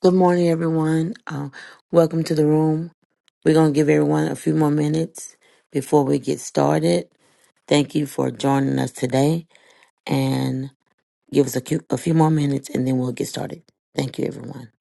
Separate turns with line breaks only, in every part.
Good morning, everyone. Uh, welcome to the room. We're going to give everyone a few more minutes before we get started. Thank you for joining us today and give us a, cu- a few more minutes and then we'll get started. Thank you, everyone.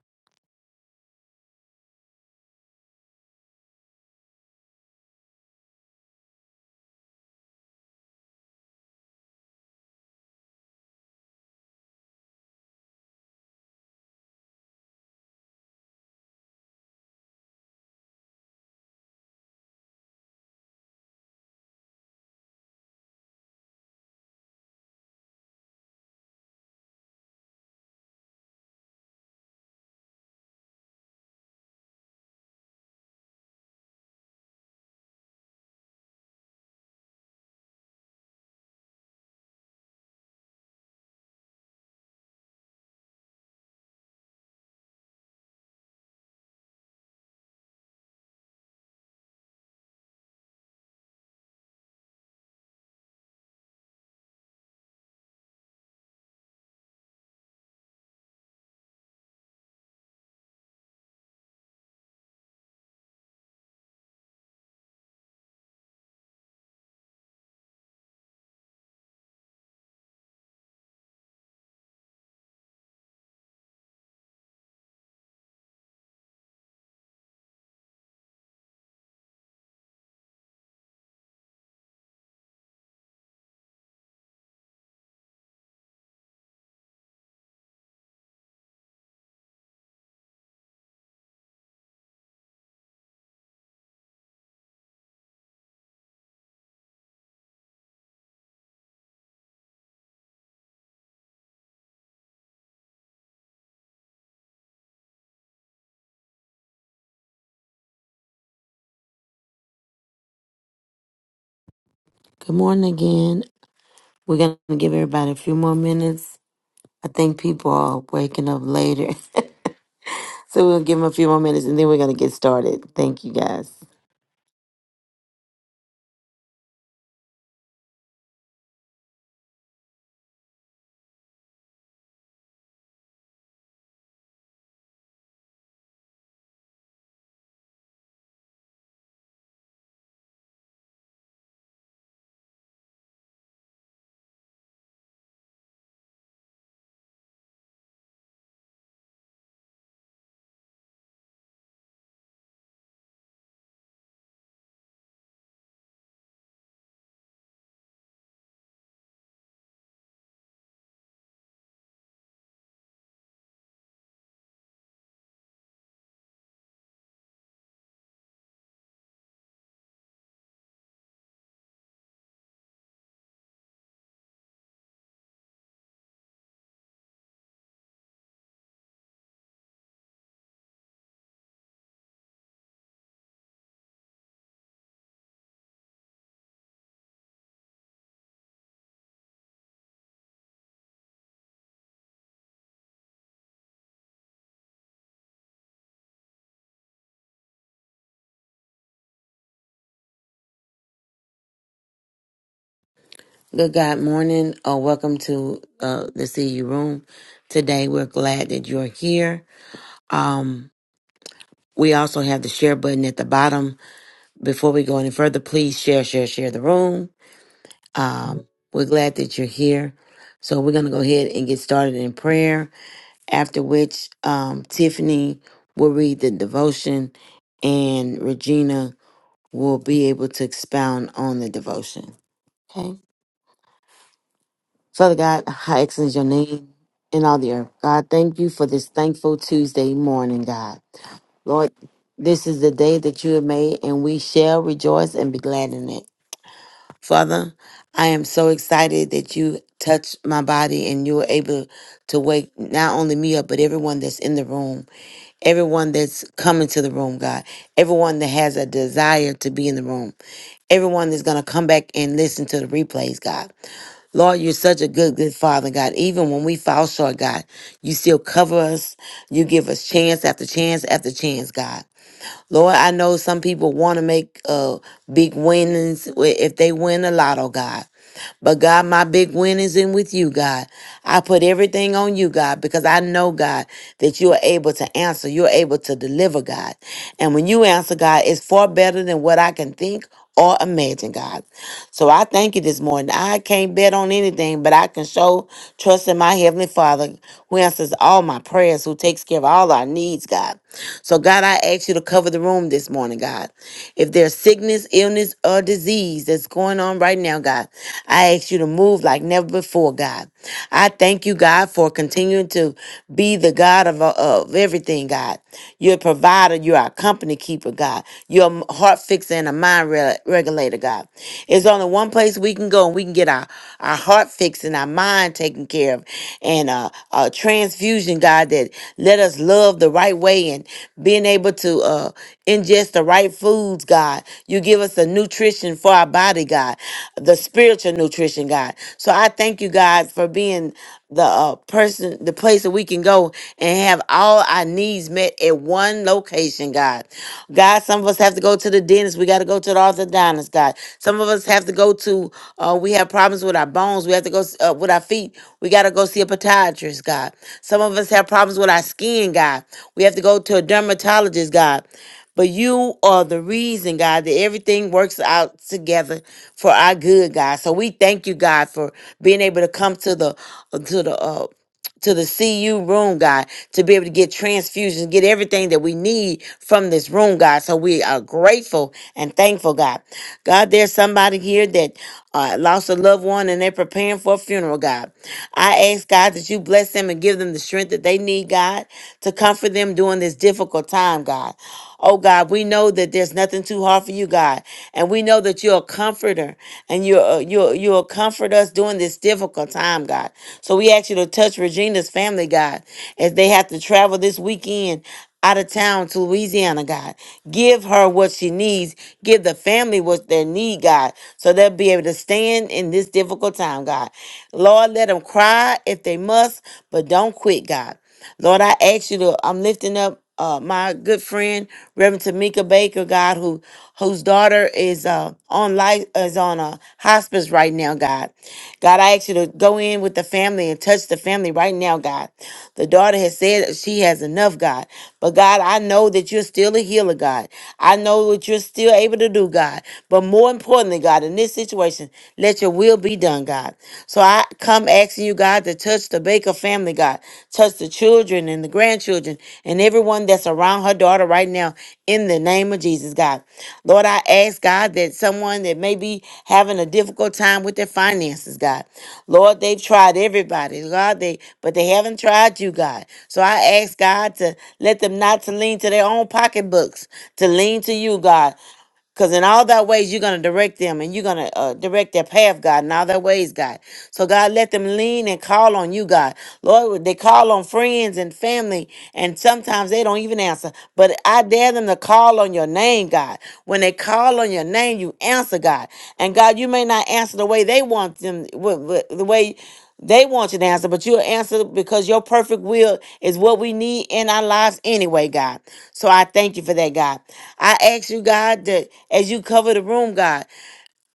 Good morning again. We're going to give everybody a few more minutes. I think people are waking up later. so we'll give them a few more minutes and then we're going to get started. Thank you, guys. Good God morning, or welcome to uh, the CU room. Today, we're glad that you're here. Um, we also have the share button at the bottom. Before we go any further, please share, share, share the room. Um, we're glad that you're here. So we're gonna go ahead and get started in prayer. After which, um, Tiffany will read the devotion, and Regina will be able to expound on the devotion. Okay. Father God, how excellent is your name in all the earth. God, thank you for this thankful Tuesday morning, God. Lord, this is the day that you have made, and we shall rejoice and be glad in it. Father, I am so excited that you touched my body and you were able to wake not only me up, but everyone that's in the room, everyone that's coming to the room, God, everyone that has a desire to be in the room, everyone that's going to come back and listen to the replays, God. Lord, you're such a good, good father, God. Even when we fall short, God, you still cover us. You give us chance after chance after chance, God. Lord, I know some people want to make uh big winnings wi- if they win a lotto, God. But God, my big win is in with you, God. I put everything on you, God, because I know, God, that you are able to answer. You're able to deliver, God. And when you answer, God, it's far better than what I can think or imagine, God. So I thank you this morning. I can't bet on anything, but I can show trust in my Heavenly Father who answers all my prayers, who takes care of all our needs, God. So, God, I ask you to cover the room this morning, God. If there's sickness, illness, or disease that's going on right now, God, I ask you to move like never before, God. I thank you, God, for continuing to be the God of, of everything, God. You're a provider, you're our company keeper, God. You're you're heart fixer and a mind re- regulator, God. It's only one place we can go and we can get our, our heart fixed and our mind taken care of and uh, a transfusion, God, that let us love the right way and being able to uh, ingest the right foods, God. You give us the nutrition for our body, God, the spiritual nutrition, God. So I thank you, God, for being the uh, person, the place that we can go and have all our needs met at one location, God. God, some of us have to go to the dentist. We got to go to the orthodontist, God. Some of us have to go to, uh, we have problems with our bones. We have to go s- uh, with our feet. We got to go see a podiatrist, God. Some of us have problems with our skin, God. We have to go to a dermatologist, God. But you are the reason, God, that everything works out together for our good, God. So we thank you, God, for being able to come to the uh, to the uh to the CU room, God, to be able to get transfusions, get everything that we need from this room, God. So we are grateful and thankful, God. God, there's somebody here that uh, lost a loved one and they're preparing for a funeral, God. I ask, God, that you bless them and give them the strength that they need, God, to comfort them during this difficult time, God. Oh God, we know that there's nothing too hard for you, God. And we know that you're a comforter and you're, uh, you're, you'll comfort us during this difficult time, God. So we ask you to touch Regina's family, God, as they have to travel this weekend out of town to Louisiana, God. Give her what she needs. Give the family what they need, God, so they'll be able to stand in this difficult time, God. Lord, let them cry if they must, but don't quit, God. Lord, I ask you to, I'm lifting up uh, my good friend, Reverend Tamika Baker, God, who whose daughter is uh, on life is on a hospice right now, God. God, I ask you to go in with the family and touch the family right now, God. The daughter has said that she has enough, God. But God, I know that you're still a healer, God. I know that you're still able to do, God. But more importantly, God, in this situation, let your will be done, God. So I come asking you, God, to touch the Baker family, God. Touch the children and the grandchildren and everyone that's around her daughter right now in the name of Jesus, God. Lord, I ask, God, that someone that may be having a difficult time with their finances, God. Lord, they've tried everybody, God, they but they haven't tried you, God. So I ask, God, to let them not to lean to their own pocketbooks, to lean to you, God. Because in all thy ways, you're going to direct them and you're going to uh, direct their path, God, in all their ways, God. So, God, let them lean and call on you, God. Lord, they call on friends and family, and sometimes they don't even answer. But I dare them to call on your name, God. When they call on your name, you answer, God. And God, you may not answer the way they want them, wh- wh- the way. They want you to answer, but you'll answer because your perfect will is what we need in our lives anyway, God. So I thank you for that, God. I ask you, God, that as you cover the room, God,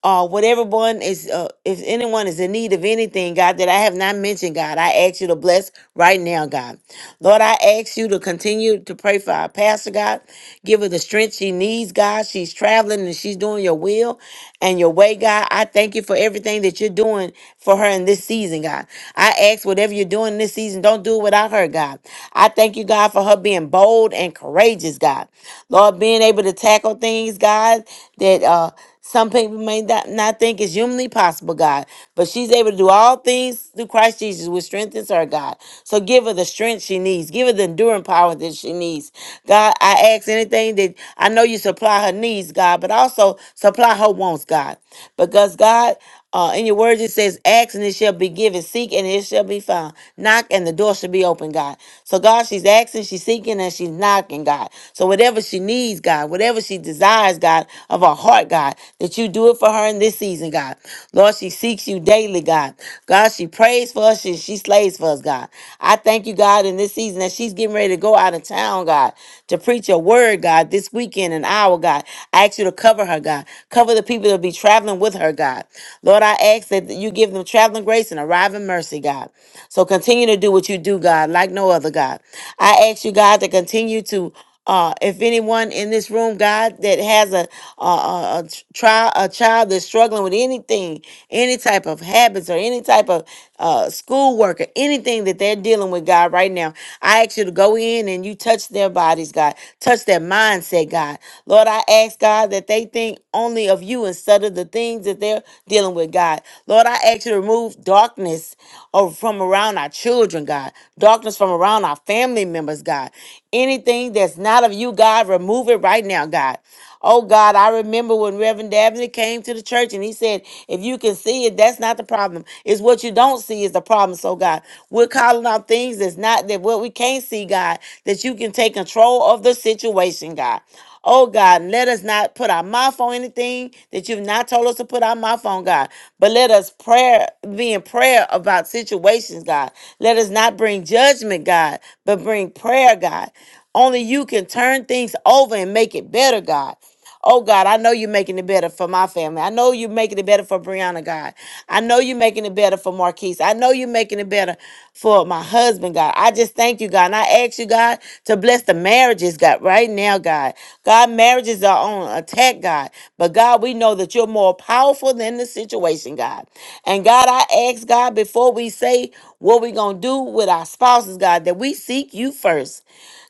uh, whatever one is, uh, if anyone is in need of anything, God, that I have not mentioned, God, I ask you to bless right now, God. Lord, I ask you to continue to pray for our pastor, God. Give her the strength she needs, God. She's traveling and she's doing your will and your way, God. I thank you for everything that you're doing for her in this season, God. I ask whatever you're doing this season, don't do it without her, God. I thank you, God, for her being bold and courageous, God. Lord, being able to tackle things, God, that, uh, some people may not, not think it's humanly possible, God, but she's able to do all things through Christ Jesus, which strengthens her, God. So give her the strength she needs. Give her the enduring power that she needs. God, I ask anything that I know you supply her needs, God, but also supply her wants, God. Because God, uh, in your word, it says, Ask and it shall be given, seek and it shall be found, knock and the door shall be open, God. So, God, she's asking, she's seeking, and she's knocking, God. So, whatever she needs, God, whatever she desires, God, of her heart, God, that you do it for her in this season, God. Lord, she seeks you daily, God. God, she prays for us and she slays for us, God. I thank you, God, in this season that she's getting ready to go out of town, God, to preach your word, God. God, this weekend and hour, God. I ask you to cover her, God. Cover the people that will be traveling with her, God. Lord, I ask that you give them traveling grace and arriving mercy, God. So continue to do what you do, God, like no other, God. I ask you, God, to continue to uh, if anyone in this room, God, that has a a, a, a tr- trial, a child that's struggling with anything, any type of habits or any type of uh, schoolwork, or anything that they're dealing with, God, right now. I ask you to go in and you touch their bodies, God. Touch their mindset, God. Lord, I ask, God, that they think only of you instead of the things that they're dealing with, God. Lord, I ask you to remove darkness or from around our children, God. Darkness from around our family members, God. Anything that's not of you, God, remove it right now, God. Oh God, I remember when Reverend Dabney came to the church and he said, if you can see it, that's not the problem. It's what you don't see is the problem. So God, we're calling out things that's not that what we can't see, God, that you can take control of the situation, God. Oh God, let us not put our mouth on anything that you've not told us to put our mouth on, God. But let us prayer be in prayer about situations, God. Let us not bring judgment, God, but bring prayer, God. Only you can turn things over and make it better, God. Oh God, I know you're making it better for my family. I know you're making it better for Brianna, God. I know you're making it better for Marquise. I know you're making it better for my husband, God. I just thank you, God. And I ask you, God, to bless the marriages, God, right now, God. God, marriages are on attack, God. But God, we know that you're more powerful than the situation, God. And God, I ask, God, before we say what we're going to do with our spouses, God, that we seek you first.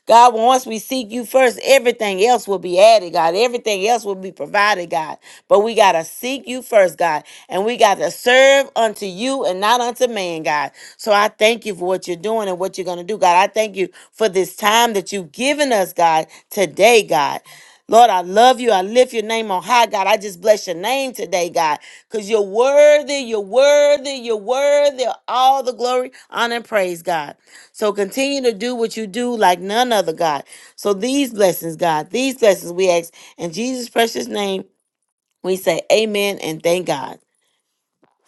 God, once we seek you first, everything else will be added, God. Everything else will be provided, God. But we got to seek you first, God. And we got to serve unto you and not unto man, God. So I thank you for what you're doing and what you're going to do, God. I thank you for this time that you've given us, God, today, God. Lord, I love you. I lift your name on high, God. I just bless your name today, God, because you're worthy, you're worthy, you're worthy of all the glory, honor, and praise, God. So continue to do what you do like none other, God. So these blessings, God, these blessings we ask in Jesus' precious name, we say amen and thank God.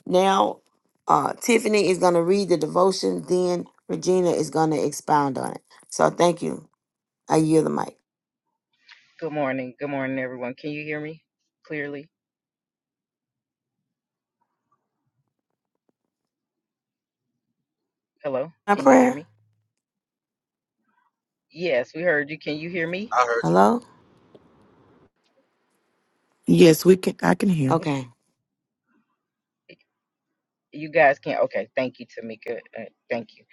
Now, uh, Tiffany is going to read the devotion, then Regina is going to expound on it. So thank you. I yield the mic.
Good morning. Good morning, everyone. Can you hear me clearly? Hello?
My
Can you hear
prayer?
me? Yes, we heard you. Can you hear me?
I heard you.
Hello?
Yes, we can. I can hear.
Okay.
You guys can. Okay. Thank you, Tamika. Uh, thank you.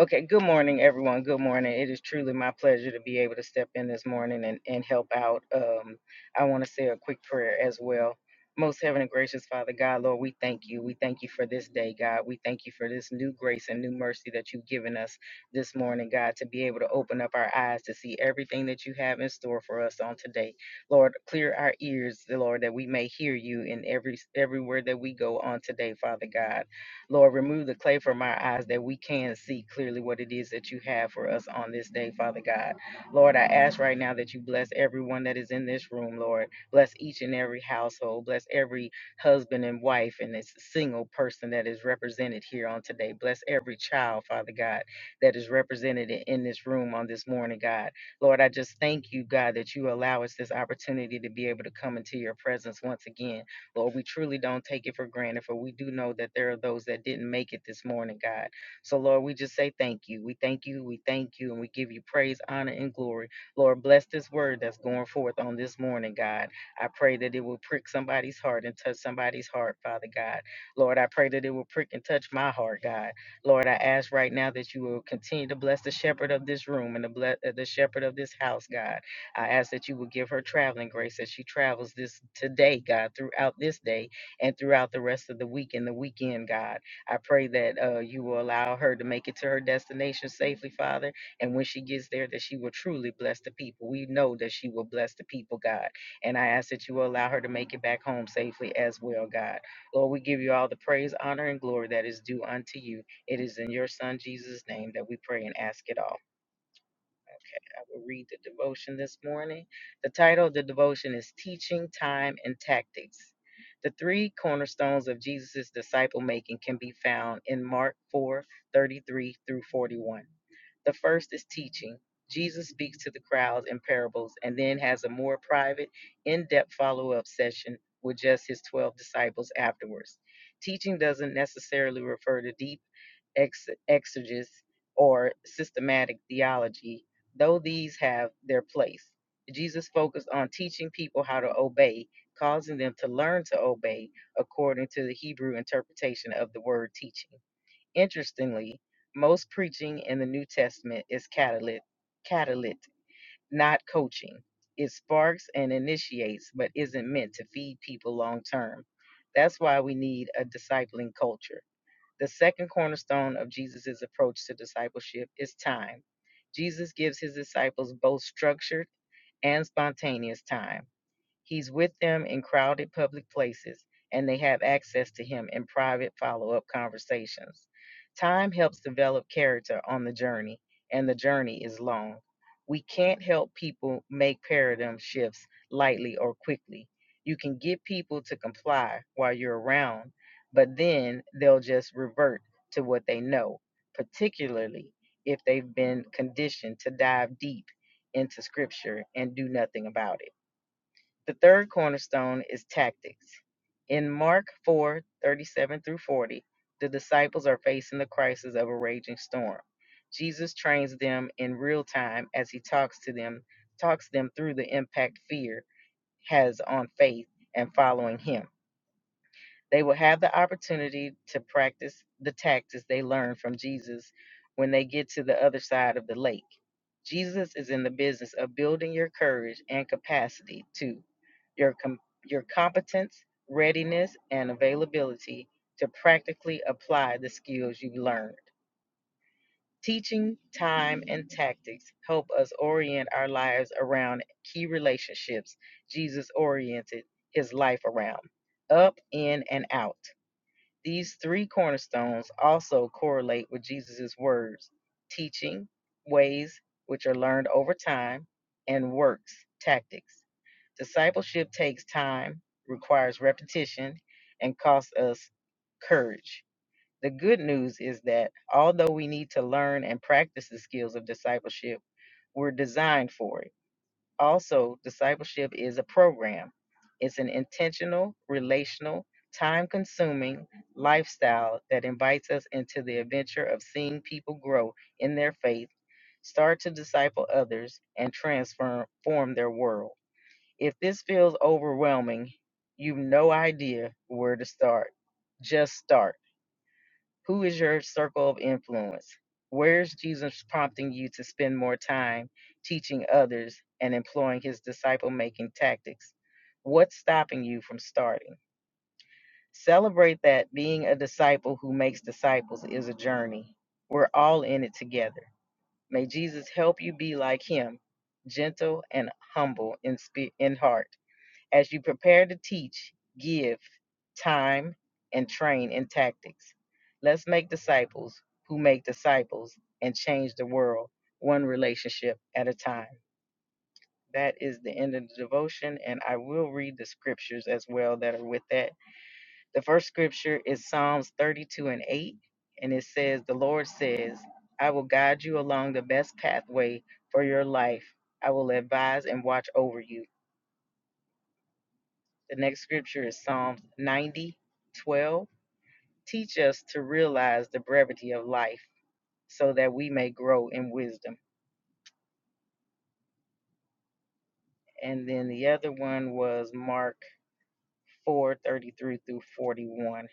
Okay. Good morning, everyone. Good morning. It is truly my pleasure to be able to step in this morning and, and help out. Um, I want to say a quick prayer as well. Most heaven and gracious Father God, Lord, we thank you. We thank you for this day, God. We thank you for this new grace and new mercy that you've given us this morning, God, to be able to open up our eyes to see everything that you have in store for us on today. Lord, clear our ears, Lord, that we may hear you in every everywhere that we go on today, Father God. Lord, remove the clay from our eyes that we can see clearly what it is that you have for us on this day, Father God. Lord, I ask right now that you bless everyone that is in this room, Lord. Bless each and every household. Bless every husband and wife and this single person that is represented here on today. Bless every child, Father God, that is represented in in this room on this morning, God. Lord, I just thank you, God, that you allow us this opportunity to be able to come into your presence once again. Lord, we truly don't take it for granted, for we do know that there are those that didn't make it this morning, God. So, Lord, we just say thank you. We thank you. We thank you. And we give you praise, honor, and glory. Lord, bless this word that's going forth on this morning, God. I pray that it will prick somebody's heart and touch somebody's heart, Father God. Lord, I pray that it will prick and touch my heart, God. Lord, I ask right now that you will continue to bless the shepherd of this room and the, ble- uh, the shepherd of this house, God. I ask that you will give her traveling grace as she travels this today, God, throughout this day and throughout the rest of the week and the weekend, God. I pray that uh, you will allow her to make it to her destination safely, Father. And when she gets there, that she will truly bless the people. We know that she will bless the people, God. And I ask that you will allow her to make it back home safely as well, God. Lord, we give you all the praise, honor, and glory that is due unto you. It is in your Son, Jesus' name, that we pray and ask it all. I will read the devotion this morning. The title of the devotion is Teaching, Time, and Tactics. The three cornerstones of Jesus' disciple making can be found in Mark 4:33 through 41. The first is teaching. Jesus speaks to the crowds in parables and then has a more private, in depth follow up session with just his 12 disciples afterwards. Teaching doesn't necessarily refer to deep ex- exegesis, or systematic theology, though these have their place. Jesus focused on teaching people how to obey, causing them to learn to obey according to the Hebrew interpretation of the word teaching. Interestingly, most preaching in the New Testament is catalytic, catalytic not coaching. It sparks and initiates, but isn't meant to feed people long term. That's why we need a discipling culture the second cornerstone of Jesus' approach to discipleship is time. Jesus gives his disciples both structured and spontaneous time. He's with them in crowded public places, and they have access to him in private follow up conversations. Time helps develop character on the journey, and the journey is long. We can't help people make paradigm shifts lightly or quickly. You can get people to comply while you're around, but then they'll just revert to what they know, particularly if they've been conditioned to dive deep into scripture and do nothing about it. The third cornerstone is tactics. In Mark 4:37 through 40, the disciples are facing the crisis of a raging storm. Jesus trains them in real time as he talks to them, talks them through the impact fear has on faith and following him. They will have the opportunity to practice the tactics they learned from Jesus when they get to the other side of the lake. Jesus is in the business of building your courage and capacity to your com- your competence, readiness, and availability to practically apply the skills you've learned. Teaching, time, and tactics help us orient our lives around key relationships Jesus oriented his life around, up, in, and out. These three cornerstones also correlate with Jesus' words teaching, ways which are learned over time, and works, tactics. Discipleship takes time, requires repetition, and costs us courage. The good news is that although we need to learn and practice the skills of discipleship, we're designed for it. Also, discipleship is a program, it's an intentional, relational, time consuming lifestyle that invites us into the adventure of seeing people grow in their faith, start to disciple others, and transform form their world. If this feels overwhelming, you've no idea where to start. Just start. Who is your circle of influence? Where's Jesus prompting you to spend more time teaching others and employing his disciple making tactics? What's stopping you from starting? Celebrate that being a disciple who makes disciples is a journey. We're all in it together. May Jesus help you be like him, gentle and humble in, spe- in heart as you prepare to teach, give time and train in tactics. Let's make disciples who make disciples and change the world one relationship at a time. That is the end of the devotion, and I will read the scriptures as well that are with that. The first scripture is Psalms 32 and 8, and it says, The Lord says, I will guide you along the best pathway for your life. I will advise and watch over you. The next scripture is Psalms 90 12. Teach us to realize the brevity of life so that we may grow in wisdom. And then the other one was Mark 4 33 through 41.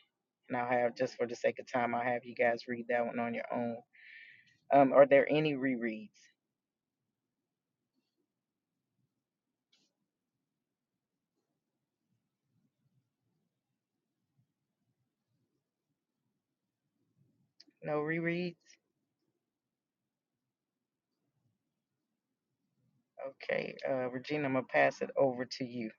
And I'll have, just for the sake of time, I'll have you guys read that one on your own. Um, are there any rereads? No rereads? Okay, uh, Regina, I'm gonna pass it over to you.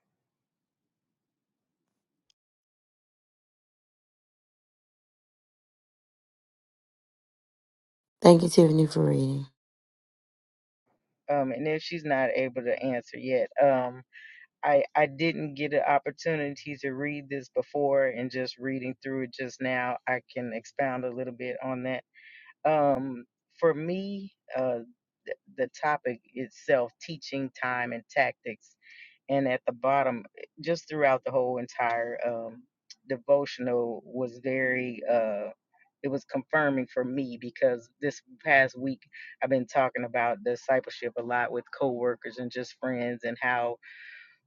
Thank you, Tiffany, for reading.
Um, and if she's not able to answer yet, um, I I didn't get an opportunity to read this before, and just reading through it just now, I can expound a little bit on that. Um, for me, uh, th- the topic itself, teaching time and tactics, and at the bottom, eh, just throughout the whole entire um, devotional, was very. Uh, it was confirming for me because this past week I've been talking about discipleship a lot with coworkers and just friends and how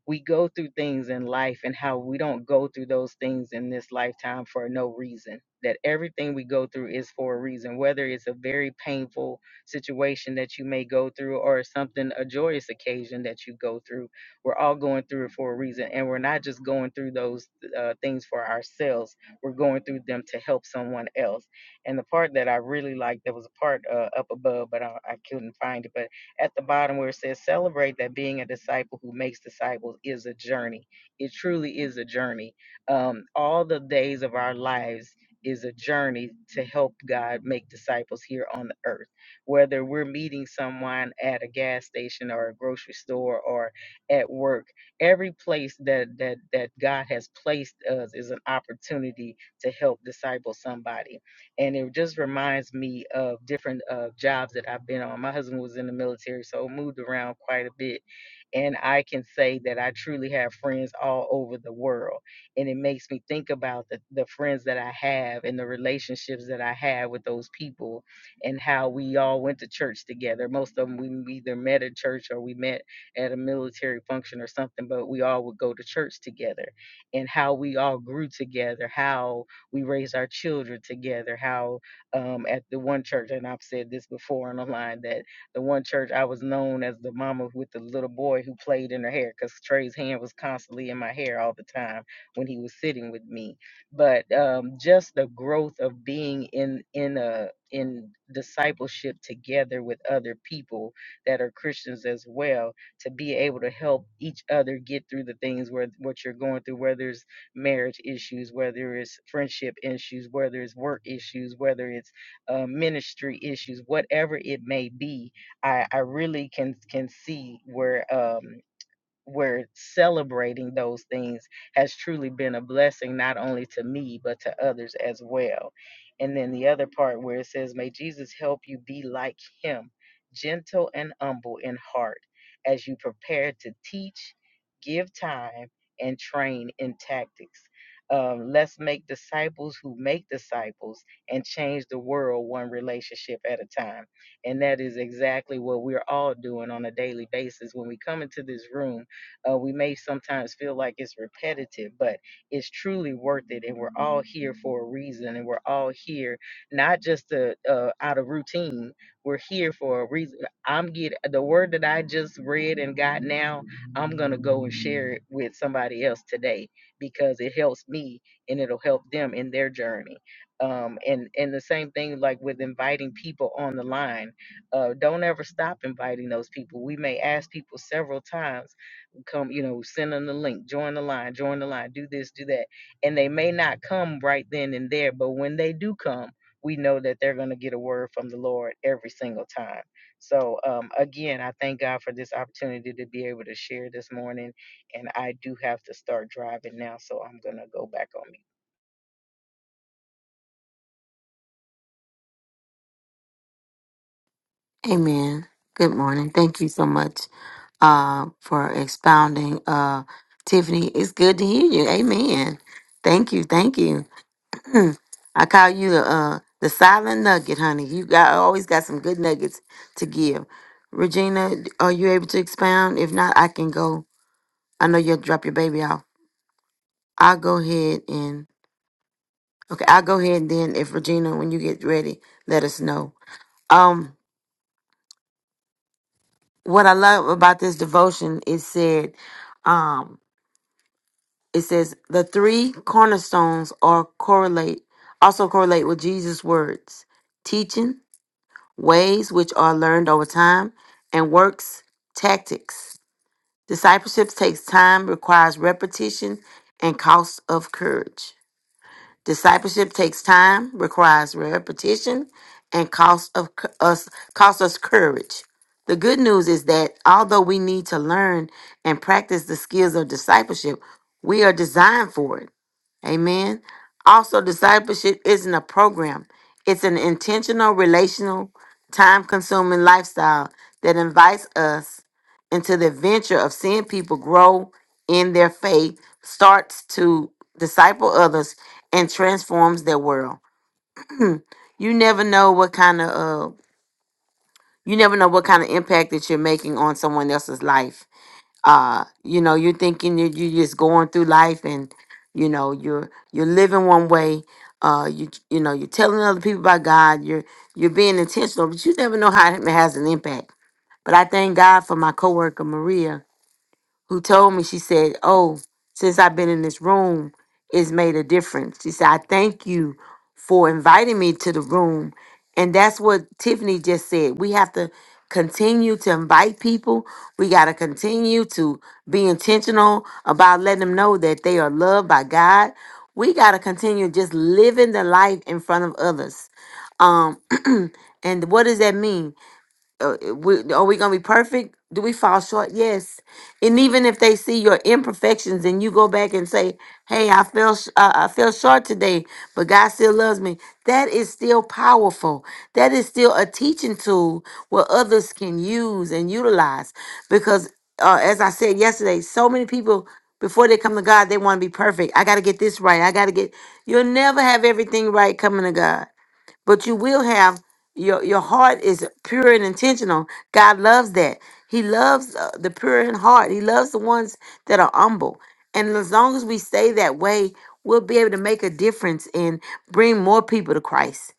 we go through things in life and how we don't go through those things in this lifetime for no reason. That everything we go through is for a reason, whether it's a very painful situation that you may go through or something, a joyous occasion that you go through. We're all going through it for a reason. And we're not just going through those uh, things for ourselves, we're going through them to help someone else. And the part that I really liked, that was a part uh, up above, but I, I couldn't find it, but at the bottom where it says celebrate that being a disciple who makes disciples is a journey. It truly is a journey. Um, all the days of our lives is a journey to help God make disciples here on the earth. Whether we're meeting someone at a gas station or a grocery store or at work, every place that that that God has placed us is an opportunity to help disciple somebody and it just reminds me of different uh, jobs that I've been on. My husband was in the military, so moved around quite a bit, and I can say that I truly have friends all over the world, and it makes me think about the the friends that I have and the relationships that I have with those people, and how we all went to church together. Most of them we either met at church or we met at a military function or something, but we all would go to church together, and how we all grew together, how we raise our children together. How um, at the one church, and I've said this before on the line, that the one church I was known as the mama with the little boy who played in her hair because Trey's hand was constantly in my hair all the time when he was sitting with me. But um, just the growth of being in in a in discipleship together with other people that are Christians as well to be able to help each other get through the things where what you're going through, whether it's marriage issues, whether it's friendship issues, whether it's work issues, whether it's uh, ministry issues, whatever it may be, I, I really can can see where. Um, we're celebrating those things has truly been a blessing not only to me but to others as well and then the other part where it says may jesus help you be like him gentle and humble in heart as you prepare to teach give time and train in tactics Um, let's make disciples who make disciples and change the world one relationship at a time and that is exactly what we're all doing on a daily basis when we come into this room uh, we may sometimes feel like it's repetitive, but it's truly worth it. And we're all here for a reason. And we're all here not just to, uh, out of routine. We're here for a reason. I'm get the word that I just read and got now. I'm gonna go and share it with somebody else today because it helps me and it'll help them in their journey. Um, and and the same thing like with inviting people on the line. Uh, don't ever stop inviting those people. We may ask people several times come, you know, send them the link, join the line, join the line, do this, do that. And they may not come right then and there, but when they do come, we know that they're going to get a word from the Lord every single time. So, um, again, I thank God for this opportunity to be able to share this morning. And I do have to start driving now, so I'm going to go back on mute.
Amen. Good morning. Thank you so much uh, for expounding. Uh, Tiffany, it's good to hear you. Amen. Thank you. Thank you. Hmm. I call you the uh the silent nugget, honey. You got always got some good nuggets to give. Regina, are you able to expound? If not, I can go. I know you'll drop your baby off. I'll go ahead and okay, I'll go ahead and then if Regina, when you get ready, let us know. Um, what I love about this devotion is said, um, it says the three cornerstones are correlate also correlate with Jesus' words, teaching, ways which are learned over time, and works tactics. Discipleship takes time, requires repetition, and cost of courage. Discipleship takes time, requires repetition, and cost of cou- us cost us courage. The good news is that although we need to learn and practice the skills of discipleship, we are designed for it. Amen. Also, discipleship isn't a program, it's an intentional, relational, time consuming lifestyle that invites us into the adventure of seeing people grow in their faith, starts to disciple others, and transforms their world. You never know what kind of uh, you never know what kind of impact that you're making on someone else's life uh you know you're thinking you you're just going through life and you know you're you're living one way uh you you know you're telling other people about god you're you're being intentional but you never know how it has an impact but i thank god for my coworker maria who told me, she said, Oh, since I've been in this room, it's made a difference. She said, I thank you for inviting me to the room. And that's what Tiffany just said. We have to continue to invite people. We got to continue to be intentional about letting them know that they are loved by God. We got to continue just living the life in front of others. Um, and what does that mean? uh, uh, we, are we gonna be perfect? Do we fall short? Yes. And even if they see your imperfections and you go back and say, "Hey, I fell, sh- uh, I fell short today, but God still loves me." That is still powerful. That is still a teaching tool where others can use and utilize. Because, uh, as I said yesterday, so many people before they come to God, they want to be perfect. I got to get this right. I got to get. You'll never have everything right coming to God but you will have your your heart is pure and intentional. God loves that. He loves uh, the pure in heart. He loves the ones that are humble. And as long as we stay that way, we'll be able to make a difference and bring more people to Christ.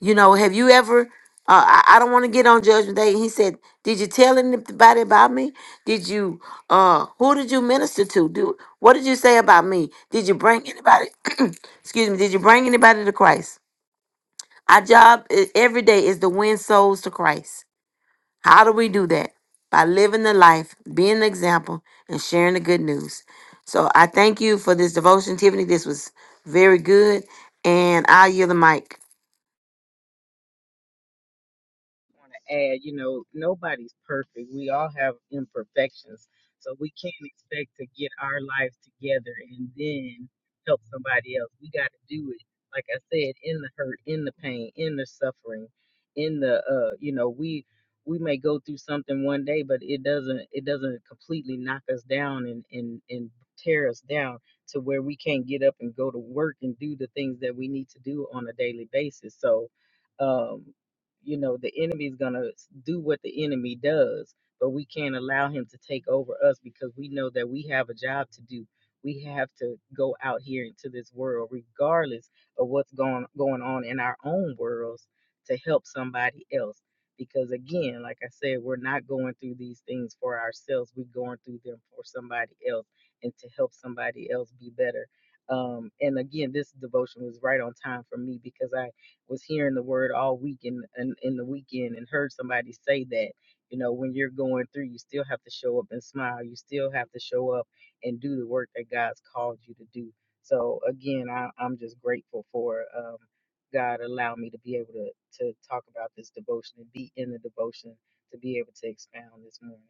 You know, have you ever? Uh, I, I don't want to get on Judgment Day. He said, "Did you tell anybody about me? Did you? Uh, who did you minister to? Do what did you say about me? Did you bring anybody? excuse me. Did you bring anybody to Christ? Our job is, every day is to win souls to Christ. How do we do that? By living the life, being an example, and sharing the good news. So I thank you for this devotion, Tiffany. This was very good. And I yield the mic.
add, you know, nobody's perfect. We all have imperfections. So we can't expect to get our lives together and then help somebody else. We got to do it, like I said, in the hurt, in the pain, in the suffering, in the, uh, you know, we we may go through something one day, but it doesn't it doesn't completely knock us down and and and tear us down to where we can't get up and go to work and do the things that we need to do on a daily basis. So, um you know the enemy is going to do what the enemy does but we can't allow him to take over us because we know that we have a job to do we have to go out here into this world regardless of what's going going on in our own worlds to help somebody else because again like i said we're not going through these things for ourselves we're going through them for somebody else and to help somebody else be better um and again this devotion was right on time for me because i was hearing the word all week and in, in, in the weekend and heard somebody say that you know when you're going through you still have to show up and smile you still have to show up and do the work that god's called you to do so again I, i'm just grateful for um, god allowed me to be able to to talk about this devotion and be in the devotion to be able to expound this morning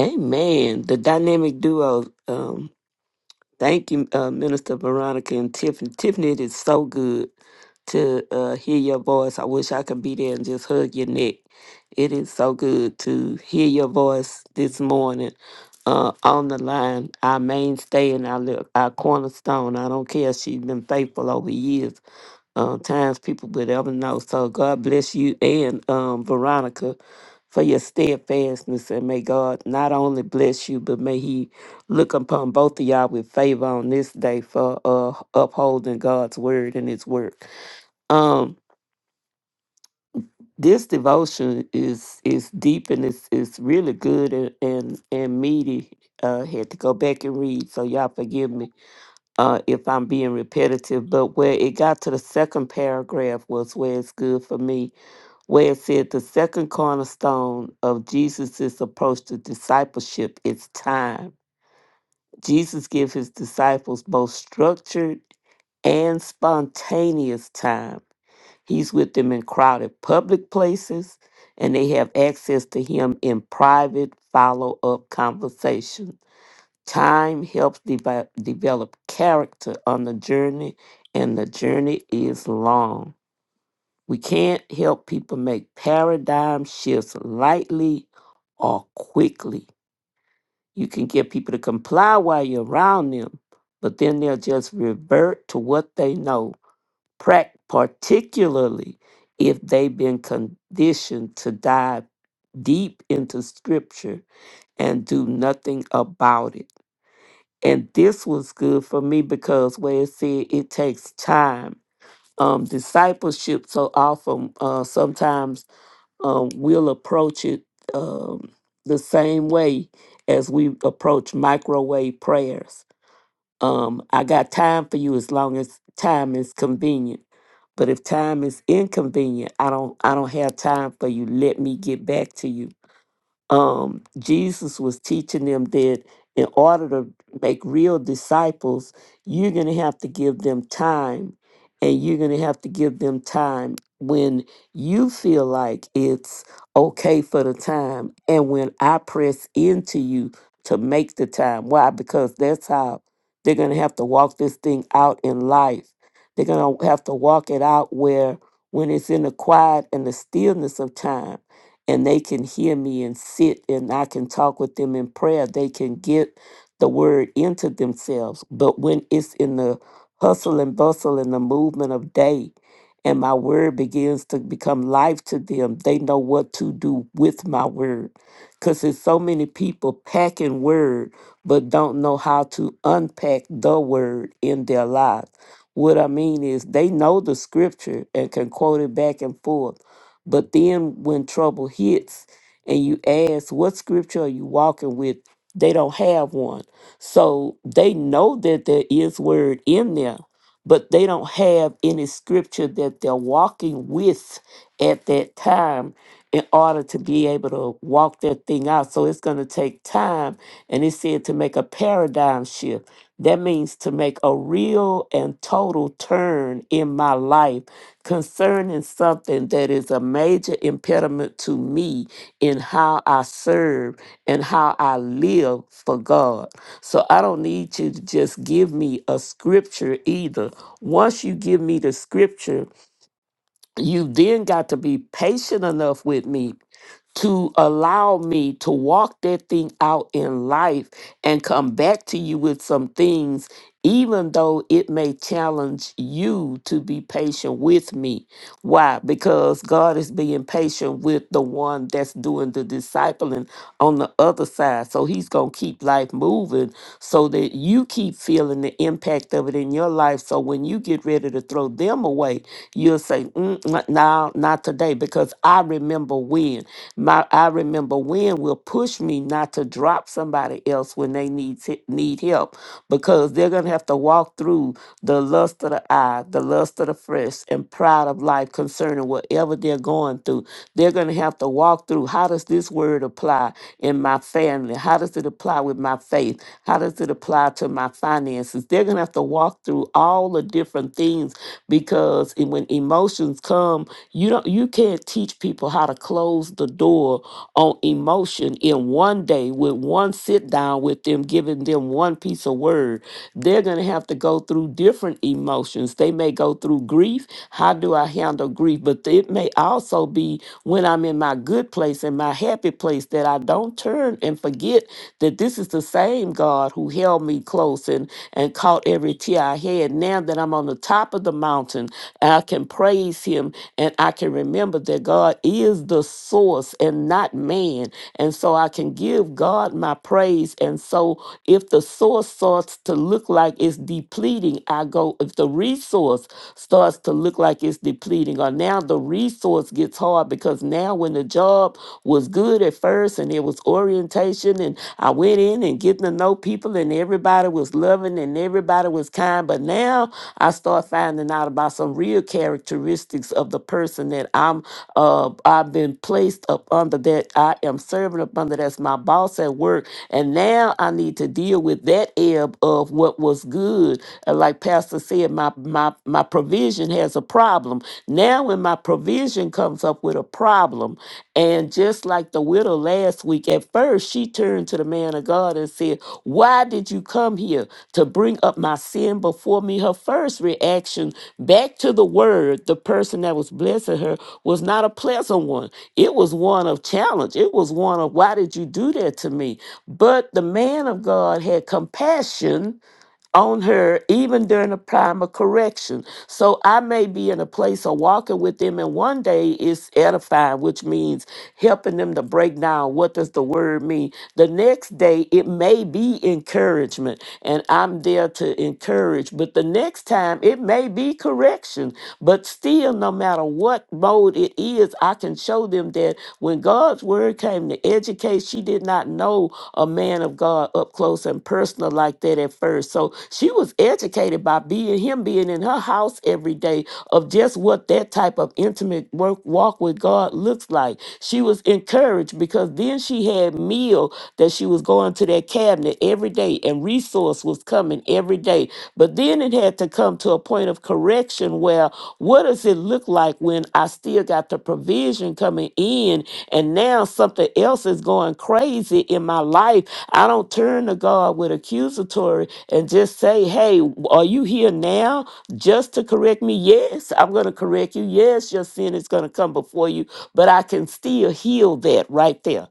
Amen. The dynamic duo. Um, thank you, uh, Minister Veronica and Tiffany. Tiffany, it is so good to uh, hear your voice. I wish I could be there and just hug your neck. It is so good to hear your voice this morning uh, on the line. Our mainstay and our, li- our cornerstone. I don't care. She's been faithful over years uh, times people would ever know. So God bless you and um, Veronica for your steadfastness, and may God not only bless you, but may He look upon both of y'all with favor on this day for uh, upholding God's word and His work. Um, this devotion is is deep and it's it's really good and and, and meaty. Uh, had to go back and read, so y'all forgive me uh, if I'm being repetitive. But where it got to the second paragraph was where it's good for me where it said the second cornerstone of Jesus' approach to discipleship is time. Jesus gives his disciples both structured and spontaneous time. He's with them in crowded public places, and they have access to him in private follow up conversation. Time helps devi- develop character on the journey, and the journey is long. We can't help people make paradigm shifts lightly or quickly. You can get people to comply while you're around them, but then they'll just revert to what they know, prac- particularly if they've been conditioned to dive deep into scripture and do nothing about it. And this was good for me because where it said it takes time. Um, discipleship so often uh, sometimes um, we'll approach it um, the same way as we approach microwave prayers. Um, I got time for you as long as time is convenient. But if time is inconvenient, I don't I don't have time for you. Let me get back to you um, Jesus was teaching them that in order to make real disciples, you're going to have to give them time. And you're going to have to give them time when you feel like it's okay for the time. And when I press into you to make the time. Why? Because that's how they're going to have to walk this thing out in life. They're going to have to walk it out where, when it's in the quiet and the stillness of time and they can hear me and sit and I can talk with them in prayer. They can get the word into themselves. But when it's in the hustle and bustle and the movement of day, and my word begins to become life to them, they know what to do with my word. Because there's so many people packing word, but don't know how to unpack the word in their lives. What I mean is, they know the scripture and can quote it back and forth but then when trouble hits and you ask, what scripture are you walking with? They don't have one. So they know that there is word in there, but they don't have any scripture that they're walking with at that time in order to be able to walk that thing out. So it's going to take time. And it said to make a paradigm shift. That means to make a real and total turn in my life concerning something that is a major impediment to me in how I serve and how I live for God. So I don't need you to just give me a scripture either. Once you give me the scripture, you then got to be patient enough with me to allow me to walk that thing out in life and come back to you with some things even though it may challenge you to be patient with me. Why? Because God is being patient with the one that's doing the discipling on the other side. So he's going to keep life moving so that you keep feeling the impact of it in your life. So when you get ready to throw them away, you'll say, mm, mm, no, not today, because I remember when. My, I remember when will push me not to drop somebody else when they need, need help because they're going to going to have to walk through the lust of the eye, the lust of the flesh, and pride of life concerning whatever they're going through. They're going to have to walk through how does this word apply in my family? How does it apply with my faith? How does it apply to my finances? They're going to have to walk through all the different things because it- when emotions come, you don't you can't teach people how to close the door on emotion in one day with one sit down with them, giving them one piece of word they're going to have to go through different emotions. They may go through grief. How do I handle grief? But it may also be when I'm in my good place and my happy place that I don't turn and forget that this is the same God who held me close and, and caught every tear I had. Now that I'm on the top of the mountain, I can praise Him and I can remember that God is the source and not man. And so I can give God my praise. And so if the source starts to look like look like it's depleting, I go, if the resource starts to look like it's depleting, or now the resource gets hard because now when the job was good at first and it was orientation and I went in and getting to know people and everybody was loving and everybody was kind, but now I start finding out about some real characteristics of the person that I'm uh I've been placed up under that I am serving up under that's my boss at work and now I need to deal with that ebb of what what was good. Uh, Like Pastor said, my my my provision has a problem. Now when my provision comes up with a problem, and just like the widow last week, at first she turned to the man of God and said, Why did you come here to bring up my sin before me? Her first reaction back to the word, the person that was blessing her, was not a pleasant one. It was one of challenge. It was one of, Why did you do that to me? But the man of God had compassion on her even during the time of correction. So I may be in a place of walking with them, and one day it's edifying, which means helping them to break down what does the word mean. The next day it may be encouragement, and I'm there to encourage. But the next time it may be correction. But still, no matter what mode it is, I can show them that when God's word came to educate, she did not know a man of God up close and personal like that at first. So she was educated by being him being in her house every day of just what that type of intimate work walk with God looks like. She was encouraged because then she had meal that she was going to that cabinet every day and resource was coming every day. But then it had had to come to a point of correction where what does it look like when I still got the provision coming in and now something else is going crazy in my life? I don't turn to God with accusatory and just say, hey, are you here now just to correct me? Yes, I'm going to correct you. Yes, your sin is going to come before you, but I can still heal that right there.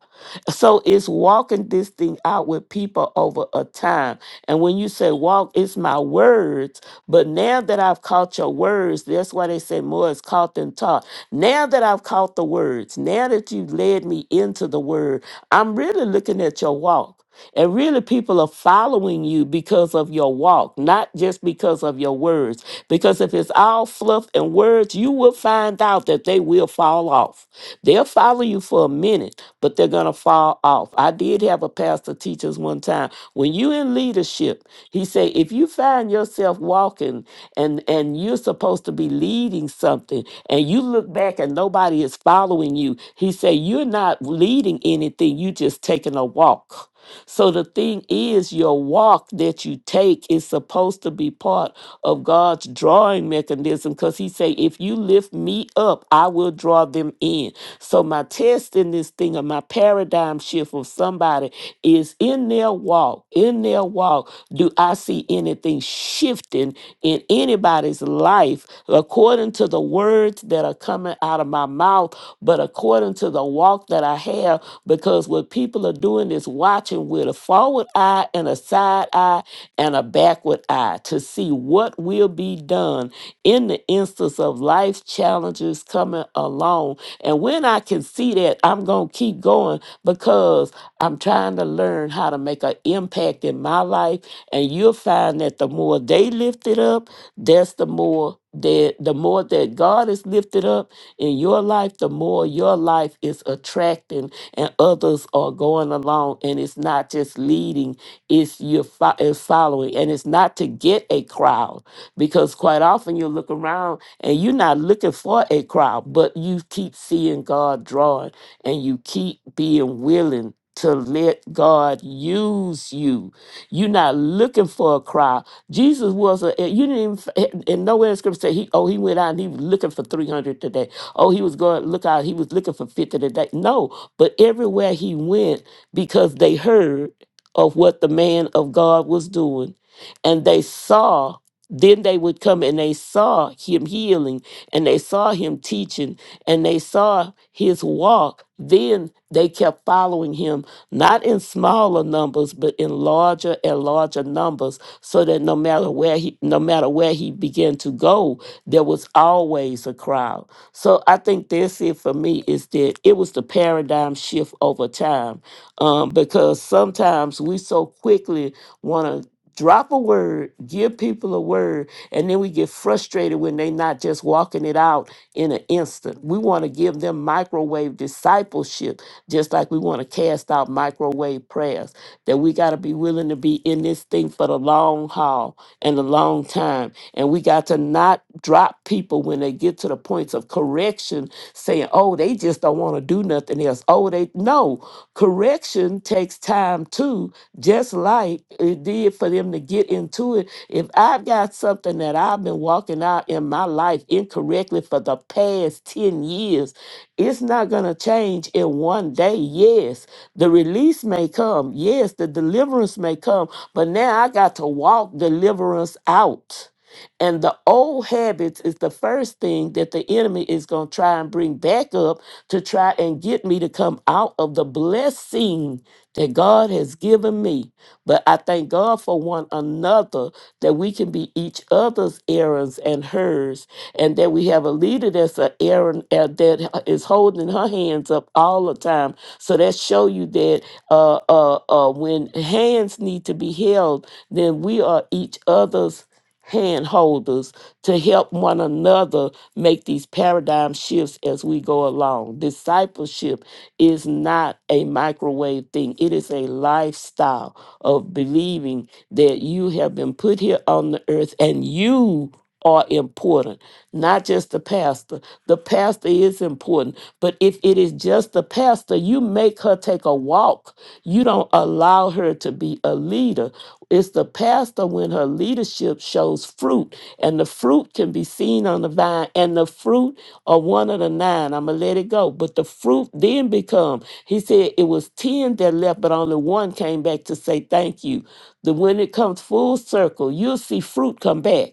So it's walking this thing out with people over a time. And when you say walk, it's my words. But now that I've caught your words, that's why they say more is caught than taught. Now that I've caught the words, now that you've led me into the word, I'm really looking at your walk. And really, people are following you because of your walk, not just because of your words. Because if it's all fluff and words, you will find out that they will fall off. They'll follow you for a minute, but they're gonna fall off. I did have a pastor teach us one time. When you in leadership, he said, if you find yourself walking and and you're supposed to be leading something, and you look back and nobody is following you, he said, you're not leading anything. You just taking a walk. So the thing is, your walk that you take is supposed to be part of God's drawing mechanism because He say, if you lift me up, I will draw them in. So my test in this thing or my paradigm shift of somebody is in their walk, in their walk, do I see see anything shifting in anybody's life according to the words that are coming out of my mouth, but according to the walk that I have. Because what people are doing is watching with a forward eye and a side eye and a backward eye to see what will be done in the instance of life challenges coming along. And when I can see that, I'm going to keep going because I'm trying to learn how to make an impact in my life and you'll find that the more they lift it up, that's the more that the more that God is lifted up in your life, the more your life is attracting and others are going along and it's not just leading, it's you're fo- it's following. And it's not to get a crowd because quite often you look around and you're not looking for a crowd, but you keep seeing God drawing and you keep being willing to let God use you you're not looking for a crowd. Jesus was a you didn't even and nowhere in scripture say he oh he went out and he was looking for 300 today. Oh, he was going look out, he was looking for 50 today. No, but everywhere he went, because they heard of what the man of God was doing, and they saw then they would come and they saw him healing and they saw him teaching and they saw his walk then they kept following him not in smaller numbers, but in larger and larger numbers, so that no matter where he no matter where he began to go, there was always a crowd. So I think that's it for me is that it was the paradigm shift over time. Um, because sometimes we so quickly want to drop a word, give people a word, and then we get frustrated when they not just walking it out in an instant. We want to give them microwave discipleship just like we want to cast out microwave prayers, that we got to be willing to be in this thing for the long haul and a long time. And we got to not drop people when they get to the points of correction, saying, oh, they just don't want to do nothing else. Oh, they, no, correction takes time too, just like it did for them to get into it. If I've got something that I've been walking out in my life incorrectly for the past 10 years, it's not going to change in one day. Yes, the release may come. Yes, the deliverance may come. But now I got to walk deliverance out. And the old habits is the first thing that the enemy is going to try and bring back up to try and get me to come out of the blessing that God has given me. But I thank God for one another that we can be each other's errands and hers and that we have a leader that's a Aaron uh, that is holding her hands up all the time. So that show you that uh, uh, uh, when hands need to be held, then we are each other's hand holders to help one another make these paradigm shifts as we go along. Discipleship is not a microwave thing. It is a lifestyle of believing that you have been put here on the earth and you are important not just the pastor. The pastor is important, but if it is just the pastor, you make her take a walk you don't allow her to be a leader. It's the pastor when her leadership shows fruit, and the fruit can be seen on the vine, and the fruit are one of the nine. I'm gonna let it go. But the fruit then become, he said it was ten that left, but only one came back to say thank you. The when it comes full circle, you'll see fruit come back.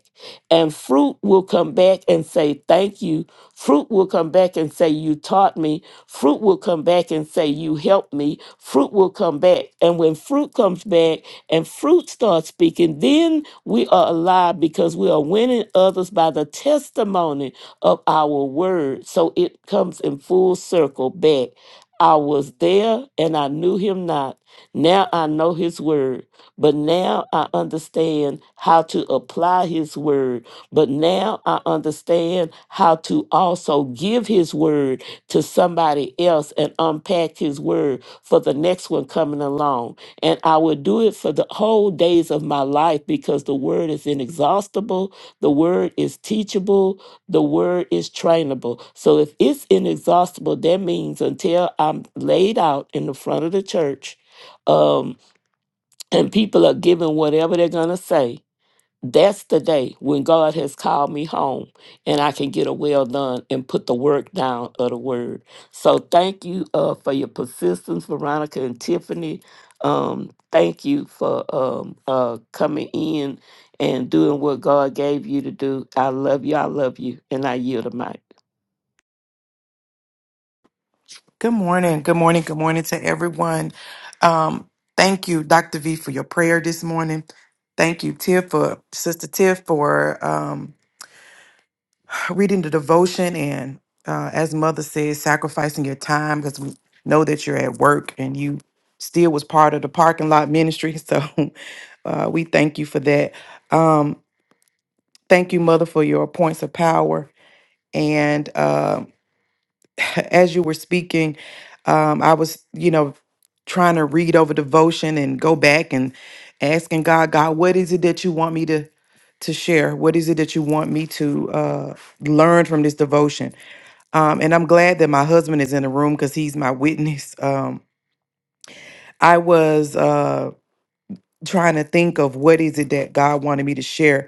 And fruit will come back and say thank you Fruit will come back and say, You taught me. Fruit will come back and say, You helped me. Fruit will come back. And when fruit comes back and fruit starts speaking, then we are alive because we are winning others by the testimony of our word. So it comes in full circle back. I was there and I knew him not. Now I know his word, but now I understand how to apply his word. But now I understand how to also give his word to somebody else and unpack his word for the next one coming along. And I will do it for the whole days of my life because the word is inexhaustible, the word is teachable, the word is trainable. So if it's inexhaustible, that means until I'm laid out in the front of the church um, and people are given whatever they're going to say that's the day when God has called me home and I can get a well done and put the work down of the word. So thank you uh, for your persistence, Veronica and Tiffany. Um, thank you for um, uh, coming in and doing what God gave you to do. I love you. I love you. And I yield the mic.
Good morning. Good morning. Good morning to everyone. Um, thank you, Dr. V, for your prayer this morning. Thank you, Tiff, for Sister Tiff, for um, reading the devotion and, uh, as Mother says, sacrificing your time because we know that you're at work and you still was part of the parking lot ministry. So uh, we thank you for that. Um, thank you, Mother, for your points of power and. uh, as you were speaking, um, I was, you know, trying to read over devotion and go back and asking God, God, what is it that you want me to to share? What is it that you want me to uh, learn from this devotion? Um, and I'm glad that my husband is in the room because he's my witness. Um, I was uh, trying to think of what is it that God wanted me to share,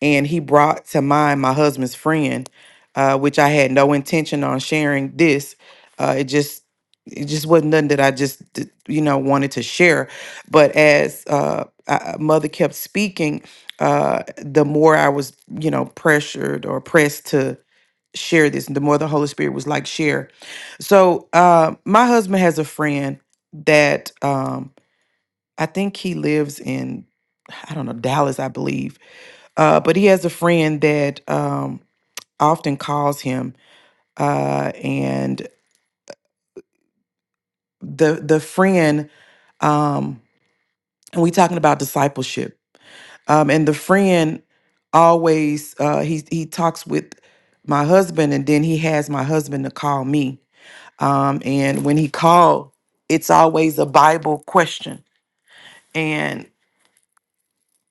and he brought to mind my husband's friend, uh, which I had no intention on sharing this. Uh, it just it just wasn't nothing that I just d- you know wanted to share. But as uh, I, mother kept speaking, uh, the more I was you know pressured or pressed to share this, the more the Holy Spirit was like share. So uh, my husband has a friend that um, I think he lives in I don't know Dallas, I believe uh, but he has a friend that um, often calls him, uh, and the the friend, um, and we talking about discipleship, um, and the friend always uh, he he talks with my husband, and then he has my husband to call me, um, and when he called, it's always a Bible question, and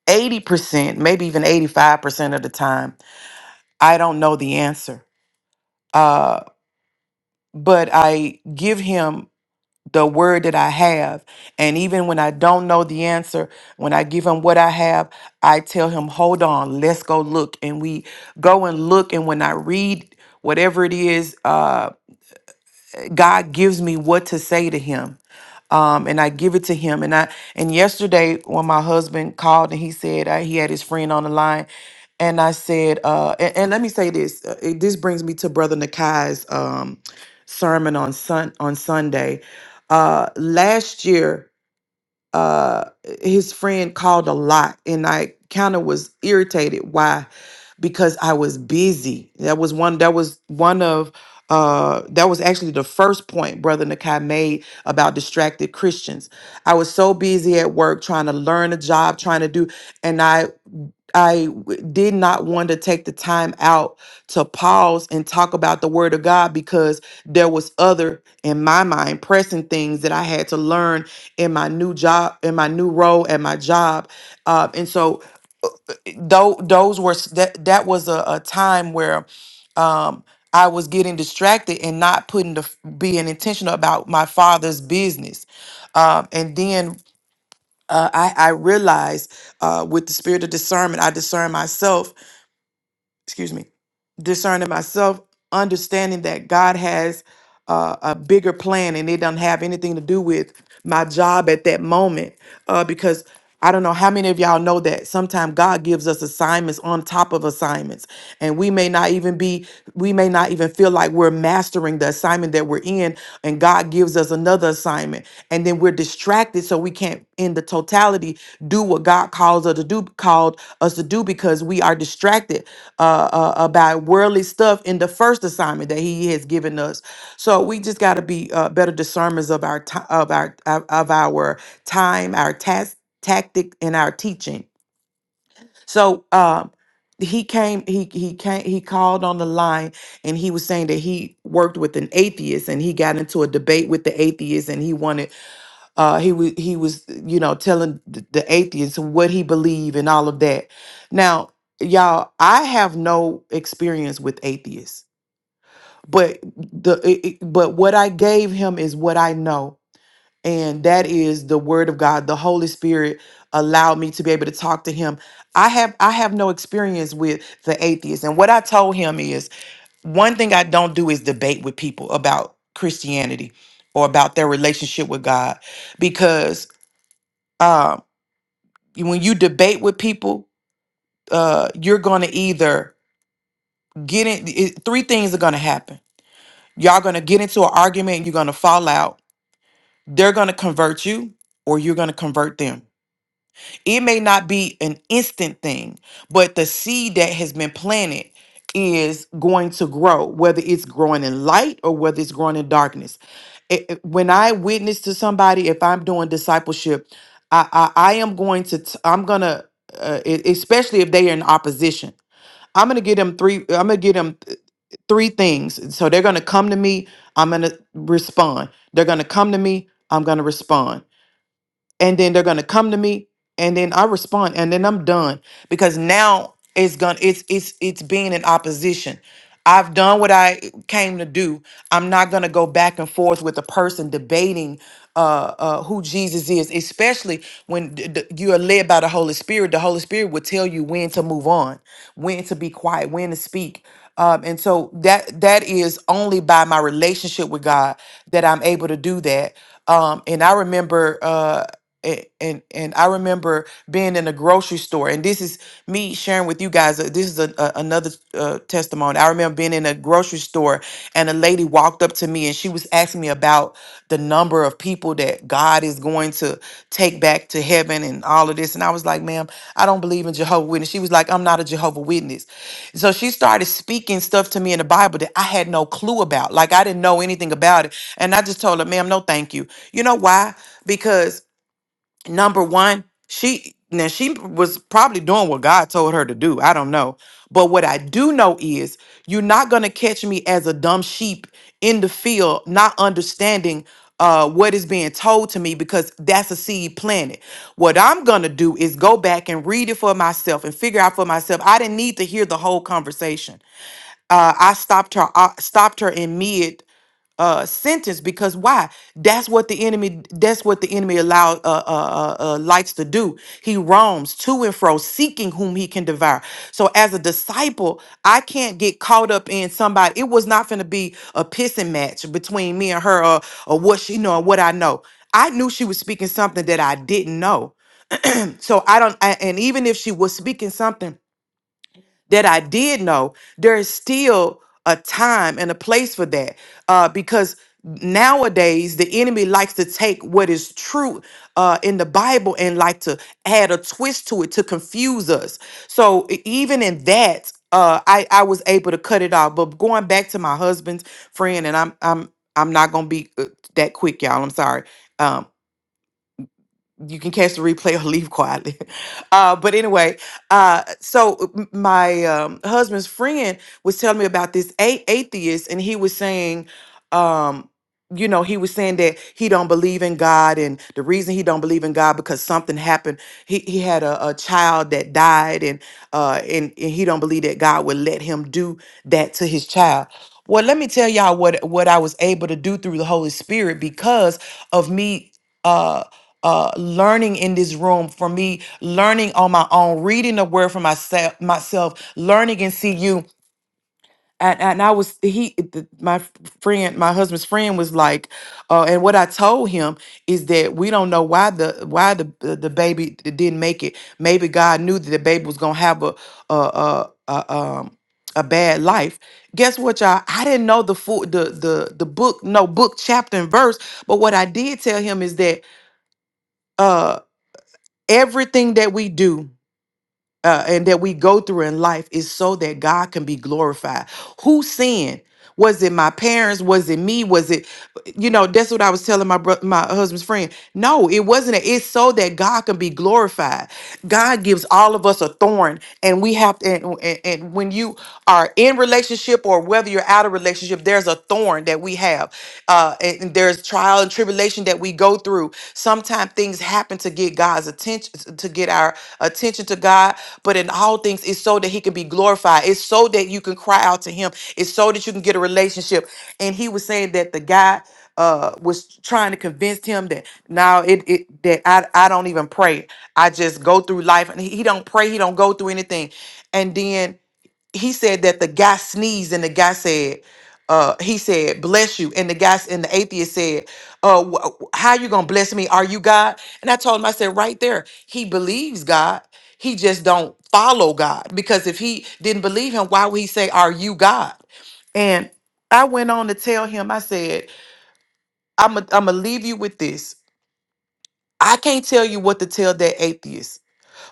eighty percent, maybe even eighty five percent of the time, I don't know the answer. Uh, but I give him the word that I have. And even when I don't know the answer, when I give him what I have, I tell him, hold on, let's go look. And we go and look. And when I read whatever it is, uh, God gives me what to say to him. Um, and I give it to him. And I and yesterday when my husband called and he said I, he had his friend on the line, and I said, uh, and, and let me say this. uh, it- this brings me to Brother Nakai's um, sermon on sun on Sunday. Uh, last year uh his friend called a lot and I kind of was irritated why because I was busy. That was one that was one of uh that was actually the first point brother Nakai made about distracted Christians. I was so busy at work trying to learn a job, trying to do and I I w- did not want to take the time out to pause and talk about the word of God because there was other in my mind pressing things that I had to learn in my new job in my new role at my job uh, and so though those were s- that that was a, a time where um I was getting distracted and not putting the f- being intentional about my father's business um, and then uh, I, I realized uh, with the spirit of discernment I discern myself excuse me, discerning myself, understanding that God has uh, a bigger plan and it doesn't have anything to do with my job at that moment. Uh, because I don't know how many of y'all know that sometimes God gives us assignments on top of assignments, and we may not even be, we may not even feel like we're mastering the assignment that we're in, and God gives us another assignment, and then we're distracted, so we can't, in the totality, do what God calls us to do, called us to do because we are distracted uh, uh, about worldly stuff in the first assignment that He has given us. So we just got to be uh, better discerners of our ti- of our of of our time, our task, tactic, and our teaching. So um, he came, he he came, he called on the line, and he was saying that he worked with an atheist, and he got into a debate with the atheist, and he wanted uh, he was he was you know telling th- the atheists what he believed and all of that. Now, y'all, I have no experience with atheists, but the it, it- but what I gave him is what I know, and that is the word of God. The Holy Spirit allowed me to be able to talk to him. I have I have no experience with the atheists, and what I told him is one thing I don't do is debate with people about Christianity or about their relationship with God because um, when you debate with people, uh, you're going to either get in. It, three things are going to happen. Y'all going to get into an argument. You're going to fall out. They're going to convert you, or you're going to convert them It may not be an instant thing, but the seed that has been planted is going to grow, whether it's growing in light or whether it's growing in darkness. It- it- when I witness to somebody, if I'm doing discipleship, I I, I am going to t- I'm gonna uh, e- especially if they are in opposition. I'm gonna get them three. I'm gonna get them th- three things. So they're going to come to me, I'm going to respond. They're going to come to me, I'm going to respond and then they're gonna come to me and then i respond and then i'm done because now it's gonna it's it's it's being in opposition i've done what i came to do i'm not gonna go back and forth with a person debating uh, uh, who Jesus is, especially when d- d- you are led by the Holy Spirit, the Holy Spirit will tell you when to move on, when to be quiet, when to speak, um, and so that that is only by my relationship with God that I'm able to do that. Um, and I remember, uh, a- and and I remember being in a grocery store, and this is me sharing with you guys. uh, This is a, a, another uh, testimony. I remember being in a grocery store, and a lady walked up to me, and she was asking me about the number of people that God. God is going to take back to heaven and all of this. And I was like, ma'am, I don't believe in Jehovah Witness. She was like, I'm not a Jehovah Witness. So she started speaking stuff to me in the Bible that I had no clue about. Like I didn't know anything about it. And I just told her, ma'am, no thank you. You know why? Because number one she now she was probably doing what god told her to do i don't know but what i do know is you're not going to catch me as a dumb sheep in the field not understanding uh, what is being told to me because that's a seed planted. What I'm gonna do is go back and read it for myself and figure out for myself. I didn't need to hear the whole conversation. Uh, I stopped her. I stopped her in mid uh sentence because why that's what the enemy that's what the enemy allow uh, uh uh uh, likes to do he roams to and fro seeking whom he can devour so as a disciple i can't get caught up in somebody it was not going to be a pissing match between me and her or, or what she know and what i know i knew she was speaking something that i didn't know so i don't I, and even if she was speaking something that I did know, there is still a time and a place for that. Uh, because nowadays the enemy likes to take what is true uh, in the Bible and like to add a twist to it to confuse us. So e- even in that, uh, I I was able to cut it off. But going back to my husband's friend, and I'm I'm I'm not gonna be uh, that quick, y'all. I'm sorry. um, you can catch the replay or leave quietly. Uh, but anyway, uh, so m- my um, husband's friend was telling me about this a- atheist, and he was saying, um, you know, he was saying that he don't believe in God, and the reason he don't believe in God because something happened. He he had a, a child that died, and uh, and and he don't believe that God would let him do that to his child. Well, let me tell y'all what what I was able to do through the Holy Spirit because of me. Uh, uh, learning in this room, for me learning on my own, reading the word for myself, myself, learning and see you. And, and I was he the, my f- friend, my husband's friend was like, uh, and what I told him is that we don't know why the why the the the baby d- didn't make it. Maybe God knew that the baby was gonna have a a a, a um a bad life. Guess what, y'all? I didn't know the full the the the book, no book, chapter and verse. But what I did tell him is that uh, everything that we do uh, and that we go through in life is so that God can be glorified. Who sinned? Was it my parents? Was it me? Was it, you know, that's what I was telling my bro- my husband's friend. No, it wasn't. a- It's so that God can be glorified. God gives all of us a thorn, and we have to. And, and, and when you are in relationship or whether you're out of relationship, there's a thorn that we have. Uh, and and there's trial and tribulation that we go through. Sometimes things happen to get God's attention, to get our attention to God. But in all things, it's so that He can be glorified. It's so that you can cry out to Him. It's so that you can get a relationship. And He was saying that the guy uh was trying to convince him that now it, it that I, I don't even pray i just go through life and he, he don't pray he don't go through anything and then he said that the guy sneezed and the guy said uh he said bless you and the guy s- and the atheist said uh wh- wh- how you gonna bless me are you god and i told him i said right there he believes god he just don't follow god because if he didn't believe him why would he say are you god and i went on to tell him i said i'm gonna I'm leave you with this i can't tell you what to tell that atheist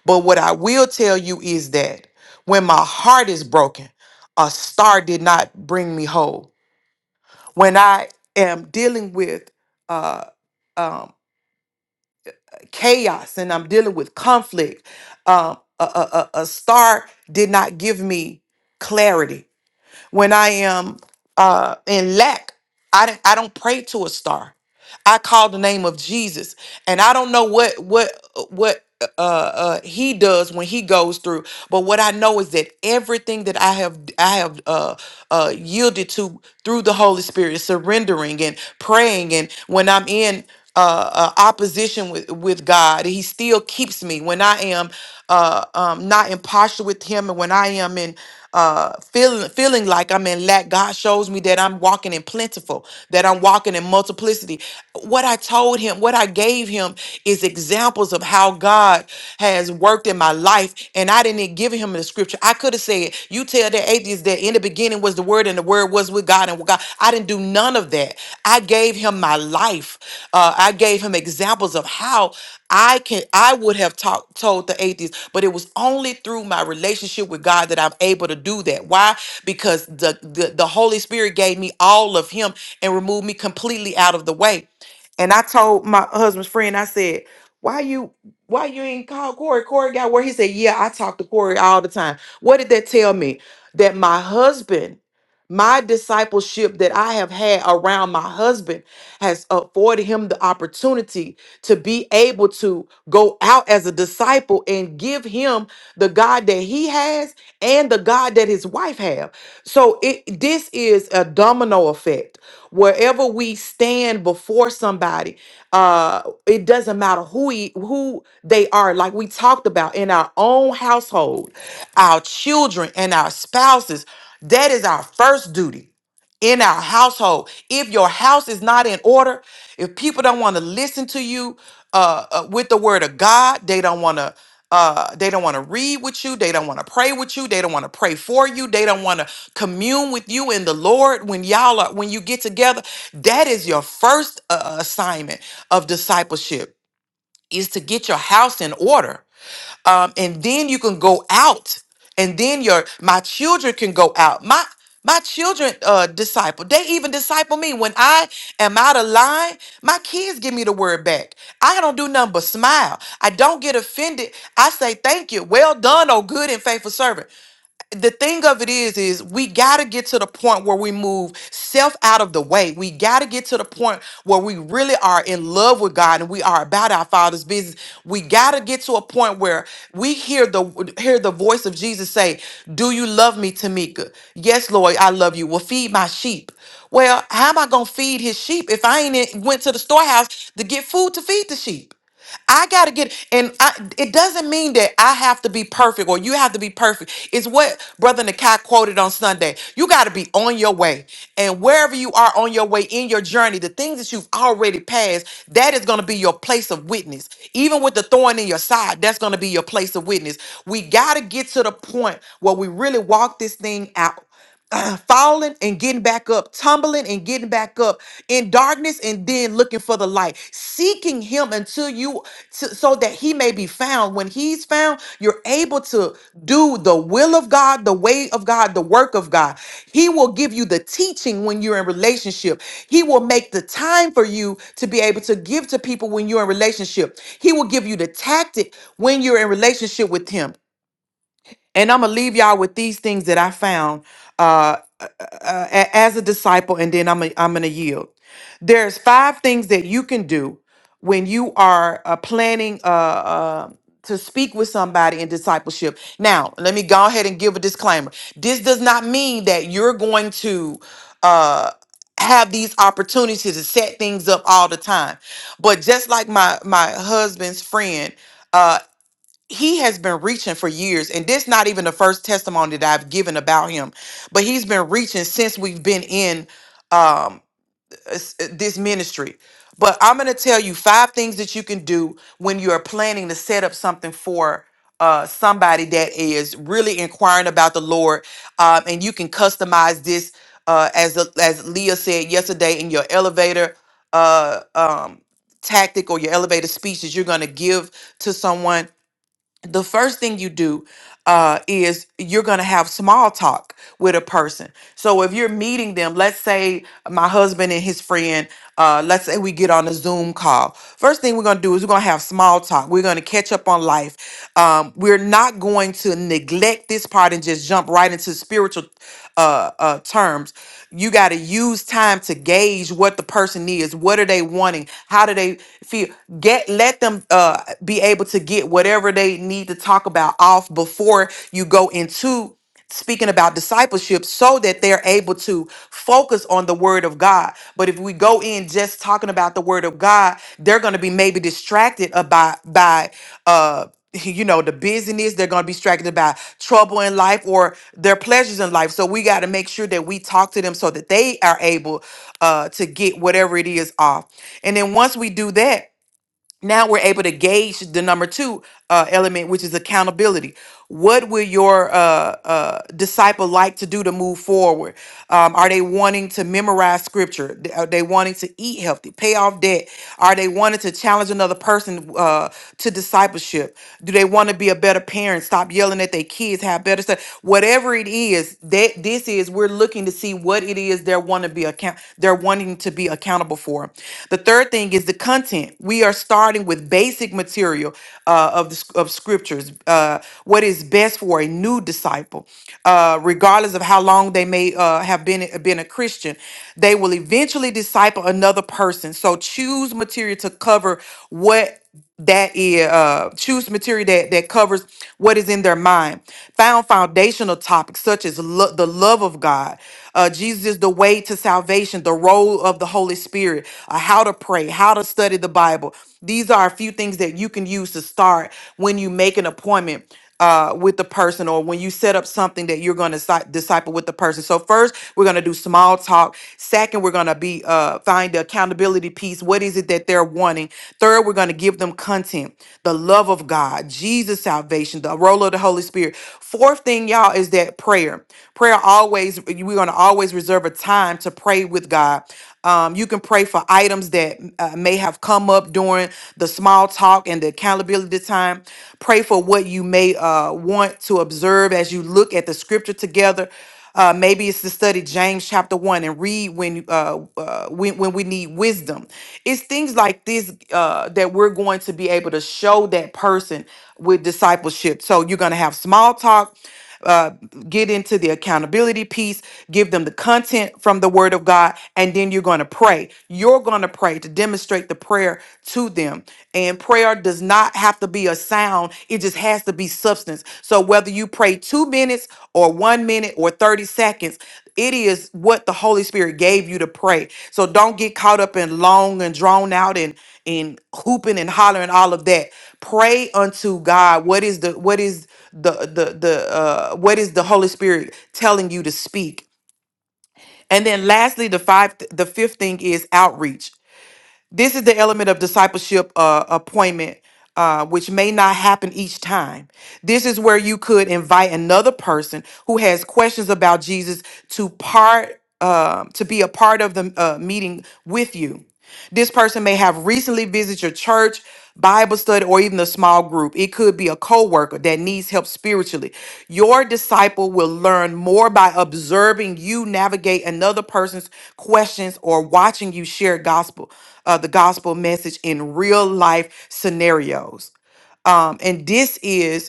but what I will tell you is that when my heart is broken, a star did not bring me whole. When I am dealing with uh, um, chaos and I'm dealing with conflict, um, a, a, a a star did not give me clarity. When I am uh, in lack, I don't- I don't pray to a star. I call the name of Jesus, and I don't know what what what uh, uh, he does when he goes through. But what I know is that everything that I have I have uh, uh, yielded to through the Holy Spirit, surrendering and praying, and when I'm in uh, uh, opposition with, with God. He still keeps me when I am uh, um, not in posture with Him, and when I am in uh, feeling feeling like I'm in lack. God shows me that I'm walking in plentiful, that I'm walking in multiplicity. What I told him, what I gave him, is examples of how God has worked in my life, and I didn't time with God. I didn't do none of that. I gave him my life. Uh, I gave him examples of how I can. I would have talk, told the atheist, but it was only through my relationship with God that I'm able to do that. Why? Because the the, the Holy Spirit gave me all of Him and removed me completely out of the way. And I told my husband's friend, I said, "Why you why you ain't call Corey? Corey got where he said, Yeah, I talk to Corey all the time. What did that tell me? That my husband my discipleship that I have had around my husband has afforded him the opportunity to be able to go out as a disciple and give him the God that he has and the God that his wife have. So it this is a domino effect. Wherever we stand before somebody, uh, it doesn't matter who he, who they are. Like we talked about in our own household, our children and our spouses. That is our first duty in our household. If your house is not in order, if people don't want to listen to you uh, uh, with the word of God, they don't want to. Uh, they don't want to read with you. They don't want to pray with you. They don't want to pray for you. They don't want to commune with you in the Lord when y'all are when you get together. That is your first uh, assignment of discipleship is to get your house in order um, and then you can go out and then your my children can go out my my children uh disciple they even disciple me when i am out of line my kids give me the word back i don't do nothing but smile i don't get offended i say thank you well done oh good and faithful servant the thing of it is is we got to get to the point where we move self out of the way we got to get to the point where we really are in love with god and we are about our father's business we got to get to a point where we hear the hear the voice of jesus say do you love me tamika yes lord i love you well feed my sheep well how am i gonna feed his sheep if i ain't in- went to the storehouse to get food to feed the sheep I gotta get, and I, it doesn't mean that I have to be perfect or you have to be perfect. It's what Brother Nakai quoted on Sunday. You gotta be on your way, and wherever you are on your way in your journey, the things that you've already passed, that is gonna be your place of witness. Even with the thorn in your side, that's gonna be your place of witness. We gotta get to the point where we really walk this thing out. uh, falling and getting back up, tumbling and getting back up in darkness and then looking for the light, seeking him until you so so that he may be found. When he's found, you're able to do the will of God, the way of God, the work of God. He will give you the teaching when you're in relationship. He will make the time for you to be able to give to people when you're in relationship. He will give you the tactic when you're in relationship with him. And I'm gonna leave y'all with these things that I found uh, uh, a- as a disciple, and then I'm i I'm gonna yield. There's five things that you can do when you are uh, planning uh, uh, to speak with somebody in discipleship. Now, let me go ahead and give a disclaimer. This does not mean that you're going to uh, have these opportunities to set things up all the time. But just like my my husband's friend. uh, he has been reaching for years and this not even the first testimony that i've given about him but he's been reaching since we've been in um s- uh, this ministry but i'm going to tell you five things that you can do when you're planning to set up something for uh, somebody that is really inquiring about the lord um, and you can customize this uh, as the- as leah said yesterday in your elevator uh, um, tactic or your elevator speech that you're going to give to someone the first thing you do uh, is you're going to have small talk with a person. So if you're meeting them, let's say my husband and his friend, uh, let's say we get on a Zoom call. First thing we're going to do is we're going to have small talk. We're going to catch up on life. Um, we're not going to neglect this part and just jump right into spiritual uh, uh, terms. You got to use time to gauge what the person is. What are they wanting? How do they? feel get let them uh be able to get whatever they need to talk about off before you go into speaking about discipleship so that they're able to focus on the word of God. But if we go in just talking about the word of God, they're going to be maybe distracted about by by, uh you know the busyness they're going to be distracted by trouble in life or their pleasures in life so we got to make sure that we talk to them so that they are able uh, to get whatever it is off and then once we do that now we're able to gauge the number two uh, element which is accountability what will your uh, uh, disciple like to do to move forward um, are they wanting to memorize scripture D- are they wanting to eat healthy pay off debt are they wanting to challenge another person uh, to discipleship do they want to be a better parent stop yelling at their kids have better stuff whatever it is that this is we're looking to see what it is they're want to be account they're wanting to be accountable for the third thing is the content. We are starting with basic material uh, of the sc- of scriptures. Uh, what is best for a new disciple, uh, regardless of how long they may uh, have been been a Christian, they will eventually disciple another person. So choose material to cover what that is uh choose material that that covers what is in their mind found foundational topics such as lo- the love of god uh jesus is the way to salvation the role of the holy spirit uh, how to pray how to study the bible these are a few things that you can use to start when you make an appointment uh, with the person or when you set up something that you're going to disciple with the person. So first, we're going to do small talk. Second, we're going to be uh, find the accountability piece. What is it that they're wanting? Third, we're going to give them content, the love of God, Jesus salvation, the role of the Holy Spirit. Fourth thing, y'all, is that prayer. Prayer always we're going to always reserve a time to pray with God. Um, you can pray for items that uh, may have come up during the small small talk and the accountability time. Pray for what you may uh, want to observe as you look at the scripture together. Uh, maybe it's to study James chapter one and read when uh, uh, when when we need wisdom. It's things like this uh, that we're going to be able to show that person with discipleship. So you're going to have small talk uh, get into the accountability piece, give them the content from the Word of God, and then you're going to pray. You're going to pray to demonstrate the prayer to them. And prayer does not have to be a sound, it just has to be substance. So whether you pray two minutes or one minute or 30 seconds, it is what the Holy Spirit gave you to pray. So don't get caught up in long and drawn out and and hooping and hollering all of that. Pray unto God. What is the what is the the the uh what is the Holy Spirit telling you to speak? And then lastly, the five the fifth thing is outreach this is the element of discipleship uh, appointment, uh, which may not happen each time. This is where you could invite another person who has questions about Jesus to part um to be a part of the uh, meeting with you. This person may have recently visited your church, Bible study, or even a small group. It could be a coworker that needs help spiritually. Your disciple will learn more by observing you navigate another person's questions or watching you share gospel, uh, the gospel message in real life scenarios. Um, and this is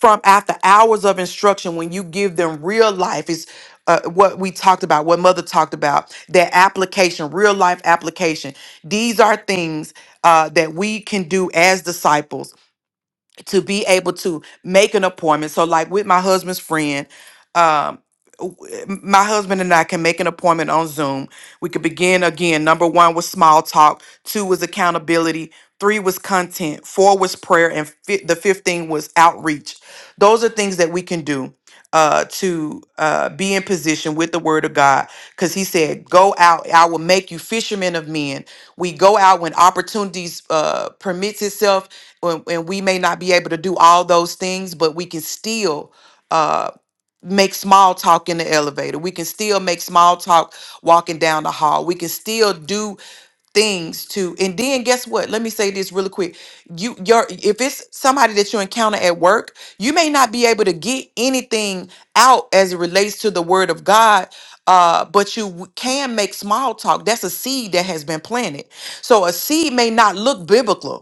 from after hours of instruction when you give them real life is uh, what we talked about what mother talked about that application real life application these are things uh, that we can do as disciples to be able to make an appointment. So, like with my husband's friend, um, w- m- my husband and I can make an appointment on Zoom. We could begin again. Number one was small talk. Two was accountability. Three was content. Four was prayer, and fi- the fifteen was outreach. Those are things that we can do uh to uh be in position with the word of God cuz he said go out I will make you fishermen of men. We go out when opportunities uh permits itself when- and we may not be able to do all those things but we can still uh make small talk in the elevator. We can still make small talk walking down the hall. We can still do things to and then guess what let me say this really quick you your if it's somebody that you encounter at work you may not be able to get anything out as it relates to the word of god uh but you w- can make small talk that's a seed that has been planted so a seed may not look biblical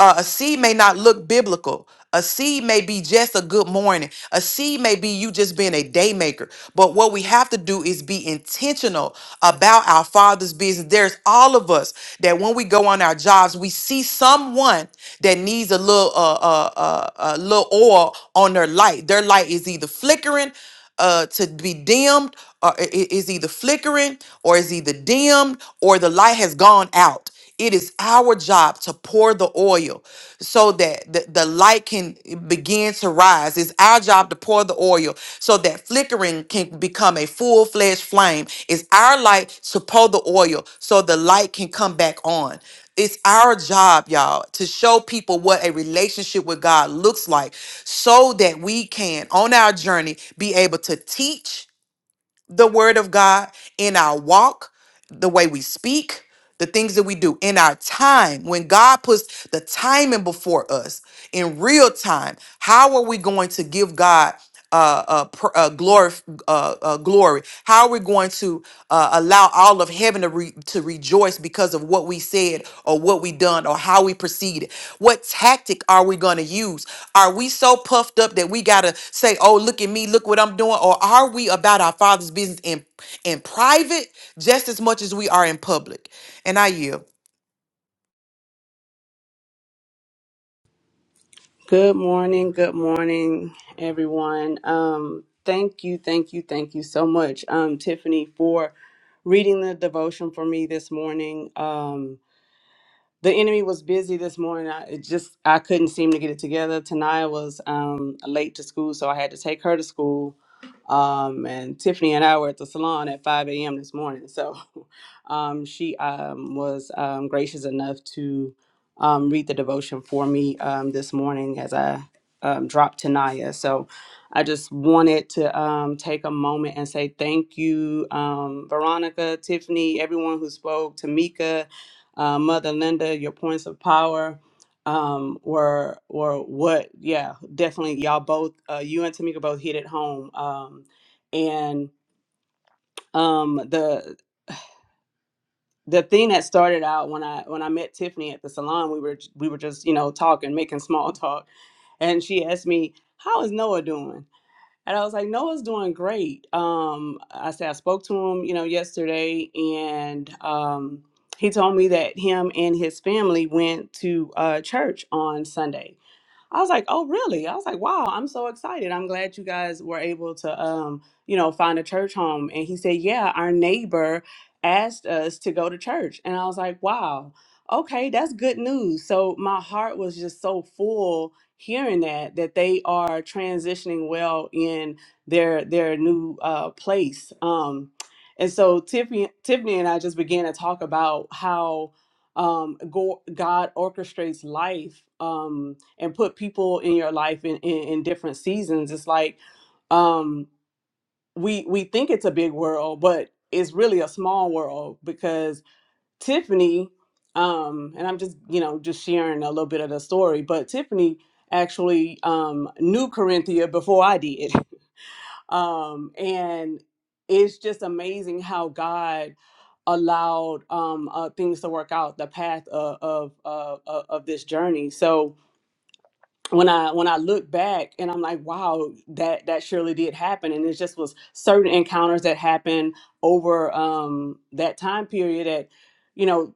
uh, a seed may not look biblical. A seed may be just a good morning. A seed may be you just being a day maker. But what we have to do is be intentional about our Father's business. There's all of us that when we go on our jobs, we see someone that needs a little uh, uh, uh, uh, little oil on their light. Their light is either flickering uh, to be dimmed, or i- i- is either flickering, or is either dimmed, or the light has gone out. It is our job to pour the oil so that the, the light can begin to rise. It's our job to pour the oil so that flickering can become a full fledged flame. It's our light to pour the oil so the light can come back on. It's our job, y'all, to show people what a relationship with God looks like so that we can, on our journey, be able to teach the word of God in our walk, the way we speak, the things that we do in our time. When God puts the timing before us in real time, how are we going to give God uh, uh, pr- uh, glory, uh, uh, glory? How are we going to uh, allow all of heaven to, re- to rejoice because of what we said or what we done or how we proceeded? What tactic are we going to use? Are we so puffed up that we got to say, oh, look at me, look what I'm doing? Or are we about our Father's business in, in private just as much as we are in public? And I yield.
Good morning. Good morning, everyone. Um, thank you, thank you, thank you so much, um, Tiffany, for reading the devotion for me this morning. Um, the enemy was busy this morning. I it just I couldn't seem to get it together. Tanaya was um, late to school, so I had to take her to school. Um, and Tiffany and I were at the salon at 5 a.m. this morning. So um, she um, was um, gracious enough to um, read the devotion for me um, this morning as I um, dropped Tanaya. So I just wanted to um, take a moment and say thank you, um, Veronica, Tiffany, everyone who spoke, Tamika uh, Mother Linda, your points of power um, were were what? Yeah, definitely. Y'all both, uh, you and Tamika both hit it home. Um, and um, the the thing that started out when I when I met Tiffany at the salon, we were we were just you know talking, making small talk, and she asked me, "How is Noah doing?" And I was like, Noah's doing great. Um, I said, I spoke to him, you know, yesterday, and um, he told me that him and his family went to uh, church on Sunday. I was like, "Oh, really?" I was like, "Wow, I'm so excited. I'm glad you guys were able to um, you know, find a church home." And he said, "Yeah, our neighbor asked us to go to church." And I was like, "Wow. Okay, that's good news." So my heart was just so full hearing that that they are transitioning well in their their new uh place. Um and so Tiffany, Tiffany and I just began to talk about how um, go, God orchestrates life. Um, and put people in your life in, in, in different seasons. It's like um, we we think it's a big world, but it's really a small world because Tiffany, um, and I'm just you know just sharing a little bit of the story, but Tiffany actually um, knew Corinthia before I did, um, and it's just amazing how God allowed um, uh, things to work out the path of of, of of of this journey. So when I when I look back and I'm like, wow, that that surely did happen, and it just was certain encounters that happened over um, that time period that, you know,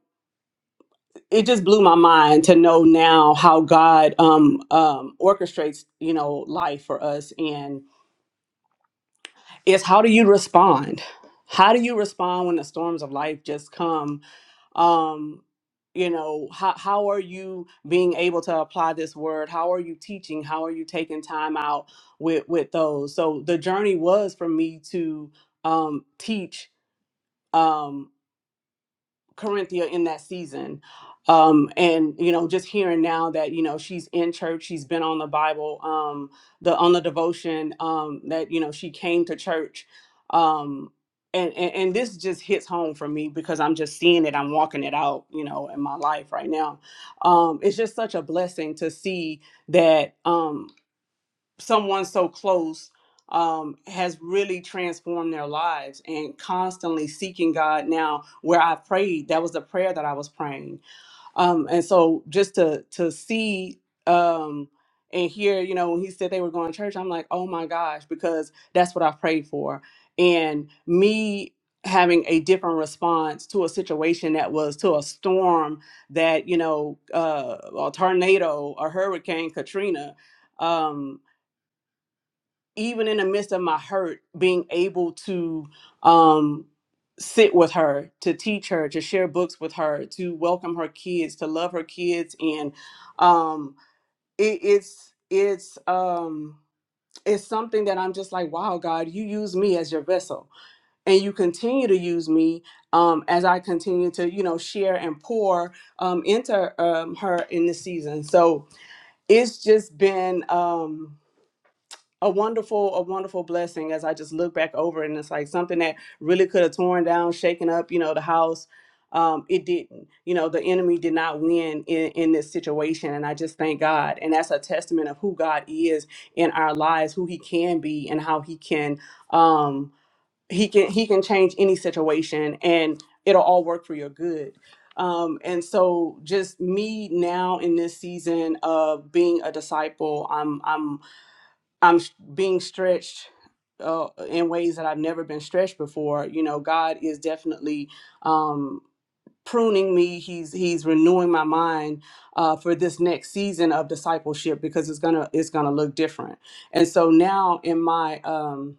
it just blew my mind to know now how God um, um, orchestrates you know life for us, and it's how do you respond? How do you respond when the storms of life just come um you know how how are you being able to apply this word how are you teaching how are you taking time out with with those so the journey was for me to um teach um, Corinthia in that season. Um, and you know, just hearing now that you know she's in church, she's been on the Bible, um, the on the devotion, um, that you know she came to church, um, and, and and this just hits home for me because I'm just seeing it, I'm walking it out, you know, in my life right now. Um, it's just such a blessing to see that. Um, someone so close um, has really transformed their lives and constantly seeking God now where I prayed, that was the prayer that I was praying. Um, and so just to to see um and hear, you know, when he said they were going to church, I'm like, oh my gosh, because that's what I prayed for. And me having a different response to a situation that was to a storm that, you know, uh, a tornado, a hurricane, Katrina, um, even in the midst of my hurt, being able to um, sit with her, to teach her, to share books with her, to welcome her kids, to love her kids, and um, it, it's it's um, it's something that I'm just like, wow, God, you use me as your vessel, and you continue to use me um, as I continue to you know share and pour um, into um, her in this season. So it's just been. Um, a wonderful a wonderful blessing as i just look back over it and it's like something that really could have torn down shaken up you know the house um it didn't you know the enemy did not win in in this situation and i just thank god and that's a testament of who god is in our lives who he can be and how he can um he can he can change any situation and it'll all work for your good um, and so just me now in this season of being a disciple, I'm I'm I'm s- being stretched uh, in ways that I've never been stretched before. You know, God is definitely um, pruning me. He's He's renewing my mind uh, for this next season of discipleship because it's gonna it's gonna look different. And so now in my um,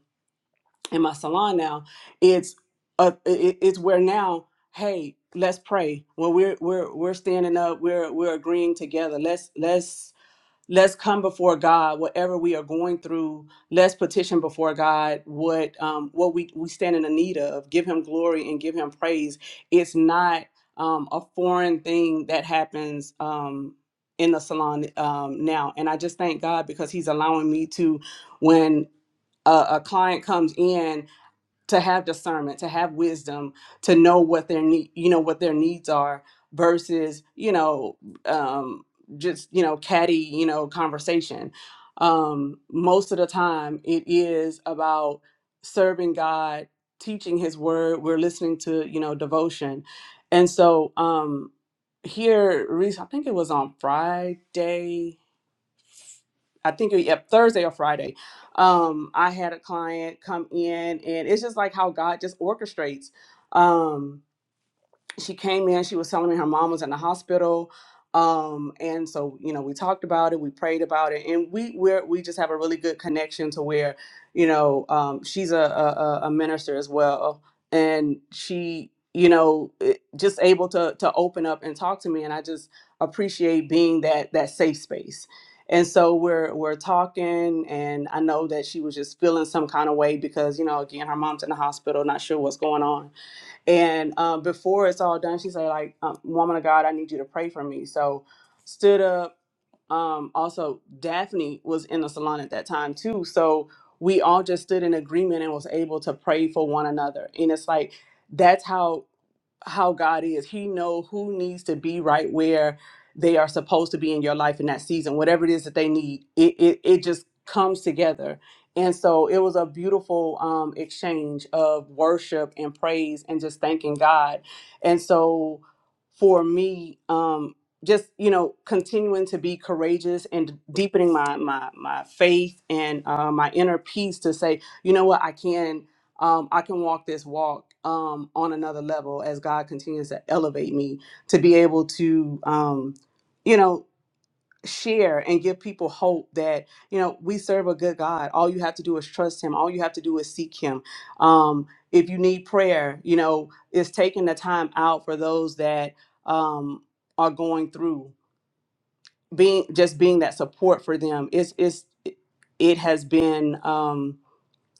in my salon now, it's uh, it, it's where now. Hey, let's pray. When we're we're we're standing up, we're we're agreeing together. Let's let's let's come before God, whatever we are going through, let's petition before God what um, what we, we stand in the need of. Give him glory and give him praise. It's not um, a foreign thing that happens um, in the salon um, now. And I just thank God because he's allowing me to, when a, a client comes in, to have discernment to have wisdom to know what their need you know what their needs are versus you know um just you know catty you know conversation um most of the time it is about serving god teaching his word we're listening to you know devotion and so um here Reese. i think it was on friday I think it- yep, Thursday or Friday, um, I had a client come in, and it's just like how God just orchestrates. Um, she came in she was telling me her mom was in the hospital um and so you know we talked about it we prayed about it and we we're, we just have a really good connection to where you know um she's a a, a a minister as well and she you know it- just able to to open up and talk to me and i just appreciate being that that safe space and so we're we're talking and i know that she was just feeling some kind of way because you know again her mom's in the hospital not sure what's going on and um, before it's all done, she said, like, um, woman of God, I need you to pray for me. So stood up. Um, also, Daphne was in the salon at that time too. So we all just stood in agreement and was able to pray for one another. And it's like, that's how how God is. He know who needs to be right where they are supposed to be in your life in that season. Whatever it is that they need, it it, it just comes together. And so it was a beautiful um, exchange of worship and praise and just thanking God. And so for me, um, just you know, continuing to be courageous and deepening my my my faith and uh, my inner peace to say, you know what, I can um, I can walk this walk um, on another level as God continues to elevate me to be able to, um, you know, share and give people hope that, you know, we serve a good God. All you have to do is trust Him, all you have to do is seek Him. Um, if you need prayer, you know, it's taking the time out for those that um, are going through being just being that support for them. It's, it's, it has been. Um,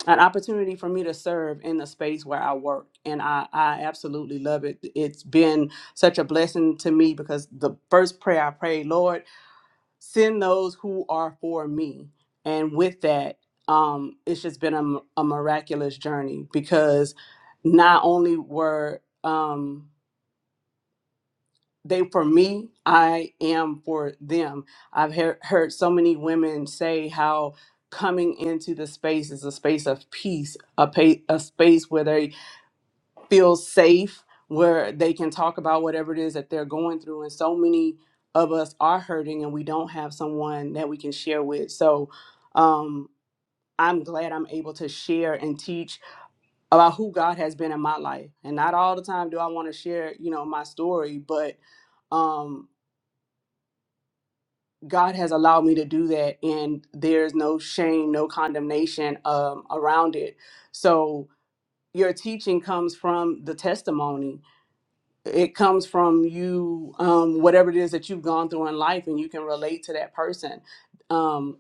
an opportunity for me to serve in the space where I work. And I, I absolutely love it. It's been such a blessing to me because the first prayer I prayed, Lord, send those who are for me. And with that, um, it's just been a, m- a miraculous journey because not only were, um, they for me i am for them i've heard heard so many women say how coming into the space is a space of peace a, pa- a space where they feel safe where they can talk about whatever it is that they're going through and so many of us are hurting and we don't have someone that we can share with so um I'm glad I'm able to share and teach about who God has been in my life. And not all the time do I want to share, you know, my story, but um, God has allowed me to do that, and there's no shame, no condemnation um, around it. So your teaching comes from the testimony. It comes from you, um, whatever it is that you've gone through in life, and you can relate to that person. Um,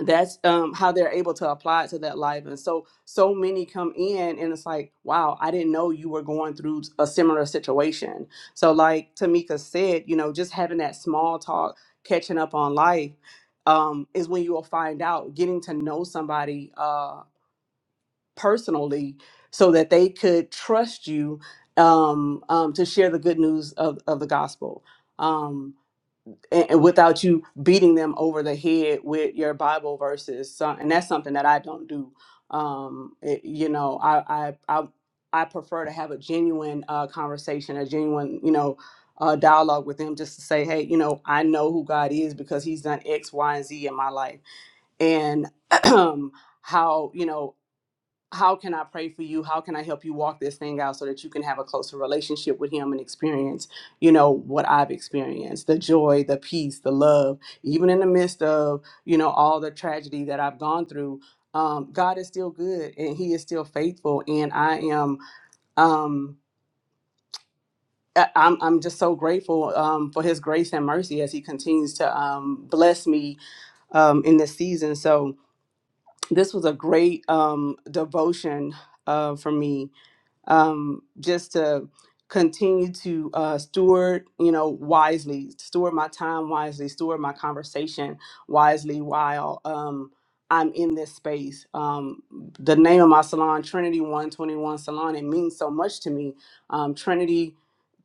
that's um how they're able to apply it to that life and so so many come in and it's like wow i didn't know you were going through a similar situation so like tamika said you know just having that small talk catching up on life um is when you will find out getting to know somebody uh personally so that they could trust you um, um to share the good news of, of the gospel Um, and, and without you beating them over the head with your Bible verses. So, and that's something that I don't do. Um, it- you know, I, I, I, I prefer to have a genuine uh, conversation, a genuine, you know, uh, dialogue with them just to say, hey, you know, I know who God is because he's done X, Y, and Z in my life. And how, you know, how can I pray for you? How can I help you walk this thing out so that you can have a closer relationship with him and experience, you know, what I've experienced, the joy, the peace, the love, even in the midst of, you know, all the tragedy that I've gone through. Um, God is still good and he is still faithful. And I am, um, I- I'm, I'm just so grateful um, for his grace and mercy as he continues to um, bless me um, in this season. So this was a great um, devotion uh, for me um, just to continue to uh, steward, you know, wisely, steward my time wisely, steward my conversation wisely while um, I'm in this space. Um, the name of my salon, Trinity 121 Salon, it means so much to me. Um, Trinity,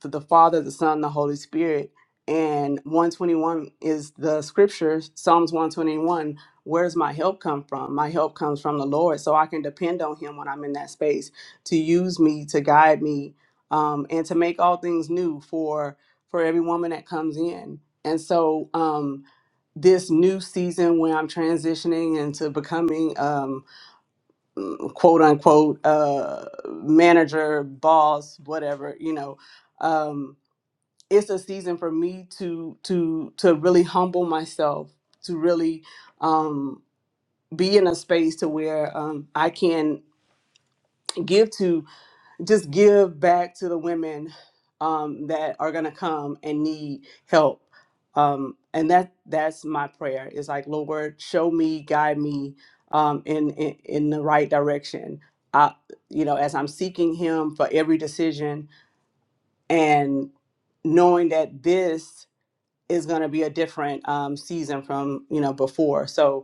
the, the Father, the Son, the Holy Spirit. And 121 is the scripture, Psalms 121. Where's my help come from? My help comes from the Lord. So I can depend on Him when I'm in that space to use me to guide me um, and to make all things new for for every woman that comes in and so um, this new season when i'm transitioning into becoming um, quote unquote uh, manager boss whatever you know um, it's a season for me to to to really humble myself to really um, be in a space to where um, i can give to just give back to the women um, that are going to come and need help um, and that that's my prayer It's like lord show me guide me um, in, in in the right direction I, you know as i'm seeking him for every decision and knowing that this is going to be a different um, season from you know before so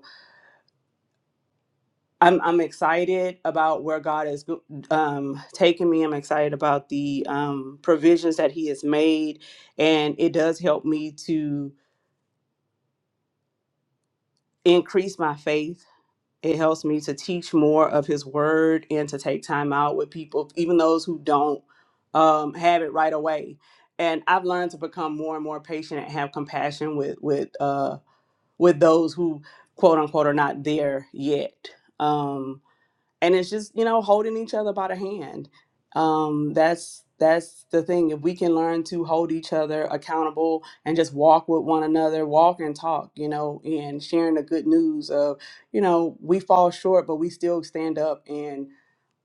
I'm I'm excited about where God is um, taking me. I'm excited about the um, provisions that He has made, and it does help me to increase my faith. It helps me to teach more of His Word and to take time out with people, even those who don't um, have it right away. And I've learned to become more and more patient and have compassion with with uh, with those who quote unquote are not there yet. Um, and it's just you know holding each other by the hand um that's that's the thing if we can learn to hold each other accountable and just walk with one another walk and talk you know and sharing the good news of you know we fall short but we still stand up and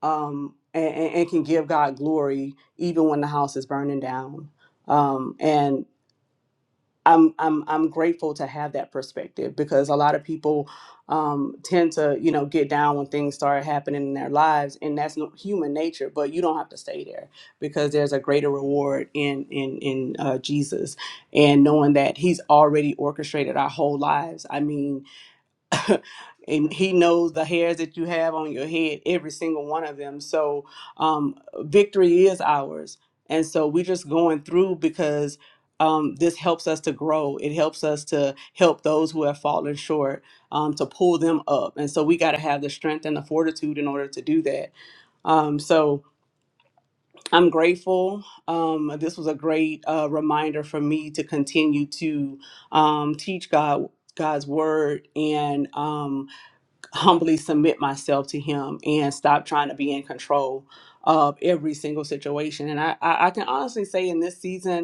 um and, and and can give god glory even when the house is burning down um and I'm I'm I'm grateful to have that perspective because a lot of people um, tend to you know get down when things start happening in their lives, and that's no, human nature. But you don't have to stay there because there's a greater reward in in in uh, Jesus, and knowing that He's already orchestrated our whole lives. I mean, and he knows the hairs that you have on your head, every single one of them. So um, victory is ours. And so we're just going through because um, this helps us to grow. It helps us to help those who have fallen short um, to pull them up. And so we got to have the strength and the fortitude in order to do that. Um, so I'm grateful. Um, this was a great uh, reminder for me to continue to um, teach God God's word and um, humbly submit myself to him and stop trying to be in control of every single situation. And I, I, I can honestly say in this season,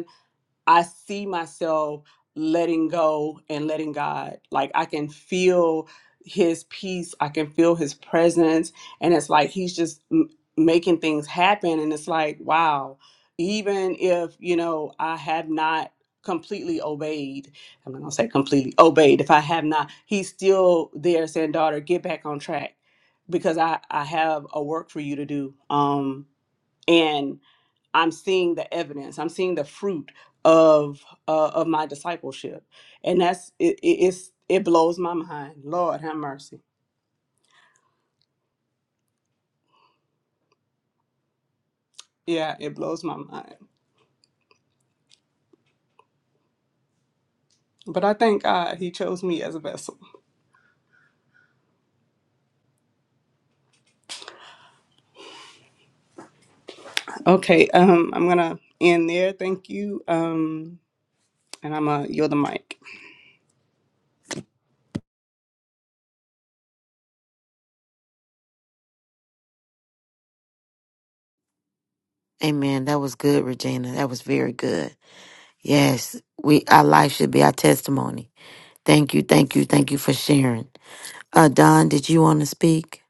I see myself letting go and letting God. Like I can feel his peace, I can feel his presence and it's like he's just m- making things happen and it's like wow, even if, you know, I have not completely obeyed. I'm not going to say completely obeyed. If I have not, he's still there saying, "Daughter, get back on track because I I have a work for you to do." Um I'm seeing the evidence. I'm seeing the fruit of uh, of my discipleship, and that's it. it it's, it blows my mind. Lord have mercy. Yeah, it blows my mind. But I thank God He chose me as a vessel. Okay, um, I'm gonna end there. Thank you. Um, and I'm gonna yield the mic.
Amen. That was good, Regina. That was very good. Yes, we our life should be our testimony. Thank you, thank you, thank you for sharing. Uh Don, did you want to speak?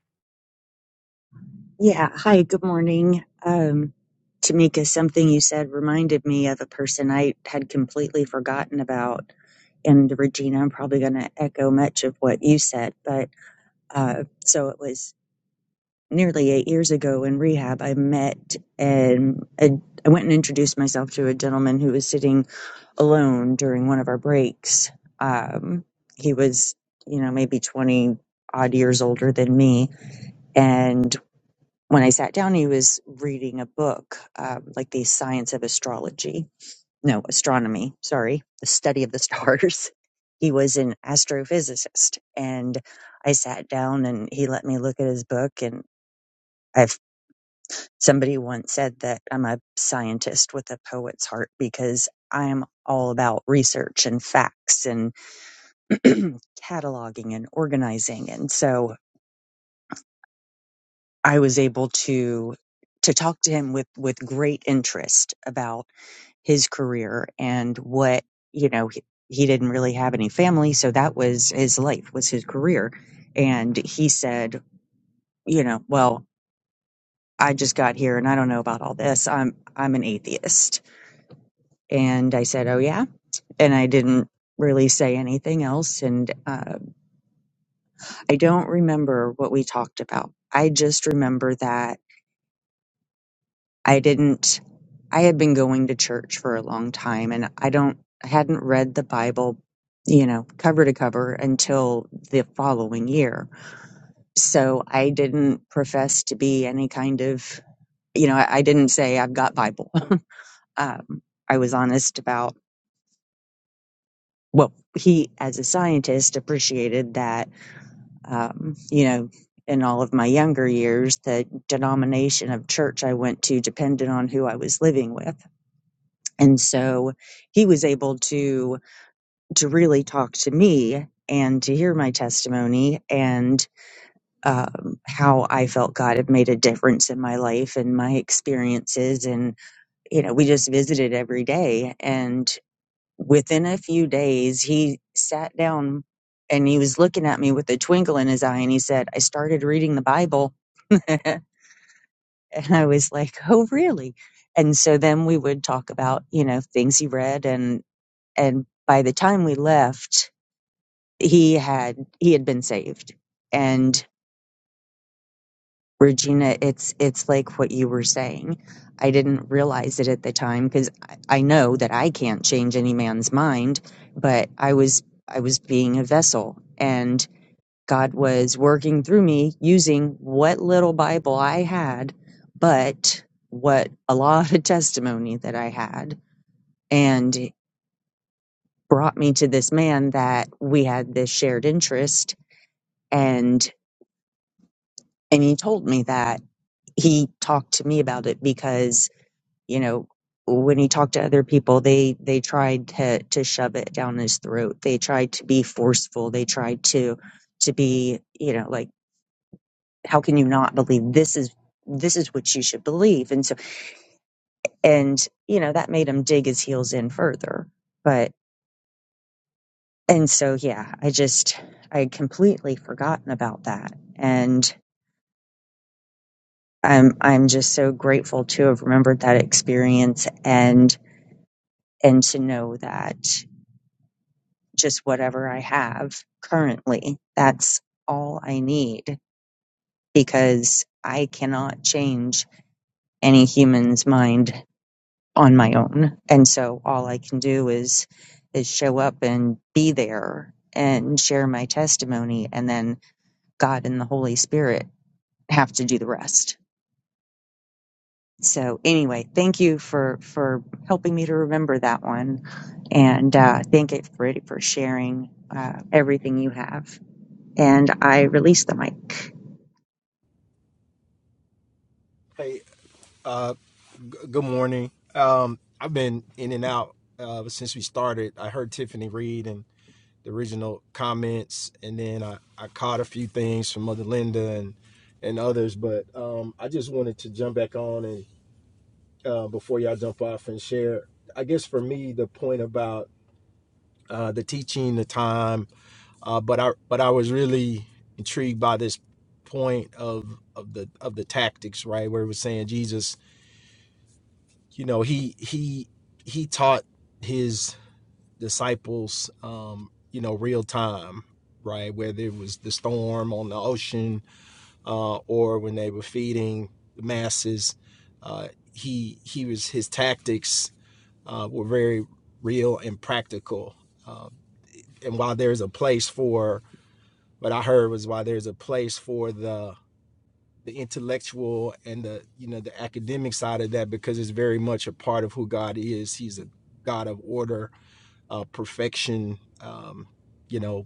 Yeah. Hi, good morning. Um, Tamika, something you said reminded me of a person I had completely forgotten about. And Regina, I'm probably going to echo much of what you said, but uh, so it was nearly eight years ago in rehab. I met and I I went and introduced myself to a gentleman who was sitting alone during one of our breaks. Um, he was, you know, maybe 20 odd years older than me. And when I sat down, he was reading a book, um, like the science of astrology, no, astronomy, sorry, the study of the stars. He was an astrophysicist. And I sat down and he let me look at his book. And I've, somebody once said that I'm a scientist with a poet's heart because I'm all about research and facts and cataloging and organizing. And so I was able to, to talk to him with, with great interest about his career and what you know he, he didn't really have any family so that was his life was his career and he said you know well i just got here and i don't know about all this i'm i'm an atheist and i said oh yeah and i didn't really say anything else and uh, i don't remember what we talked about i just remember that I didn't I had been going to church for a long time and I don't I hadn't read the Bible, you know, cover to cover until the following year. So I didn't profess to be any kind of, you know, I, I didn't say I've got Bible. Um, I was honest about well, he as a scientist appreciated that, um, you know, in all of my younger years, the denomination of church I went to depended on who I was living with and so he was able to to really talk to me and to hear my testimony and um, how I felt God had made a difference in my life and my experiences. And you know, we just visited every day. And within a few days, he sat down and he was looking at me with a twinkle in his eye, and he said, "I started reading the Bible," and I was like, "Oh, really?" And so then we would talk about you know things he read and. and by the time we left he had he had been saved and regina it's it's like what you were saying i didn't realize it at the time because I, I know that i can't change any man's mind but i was i was being a vessel and god was working through me using what little bible i had but what a lot of testimony that i had and brought me to this man that we had this shared interest and and he told me that he talked to me about it because you know when he talked to other people they they tried to to shove it down his throat they tried to be forceful they tried to to be you know like how can you not believe this is this is what you should believe and so and you know that made him dig his heels in further but and so yeah i just i had completely forgotten about that and. I'm I'm just so grateful to have remembered that experience and and to know that just whatever I have currently, that's all I need because I cannot change any human's mind on my own. And so all I can do is is show up and be there and share my testimony and then God and the Holy Spirit have to do the rest. So anyway, thank you for for helping me to remember that one, and uh, thank you for for sharing uh, everything you have. And I release the mic.
Hey, uh, g- good morning. Um, I've been in and out uh, since we started. I heard Tiffany read and the original comments, and then I, I caught a few things from Mother Linda and and others. But um, I just wanted to jump back on and uh, before y'all jump off and share. I guess for me, the point about uh, the teaching, the time, uh, but I but I was really intrigued by this point of of the of the tactics, right? Where it was saying Jesus you know he he he taught his disciples um you know real time right whether it was the storm on the ocean uh or when they were feeding the masses uh he he was his tactics uh were very real and practical uh, and while there's a place for what i heard was while there's a place for the the intellectual and the you know the academic side of that because it's very much a part of who God is. He's a God of order, uh, perfection, um, you know,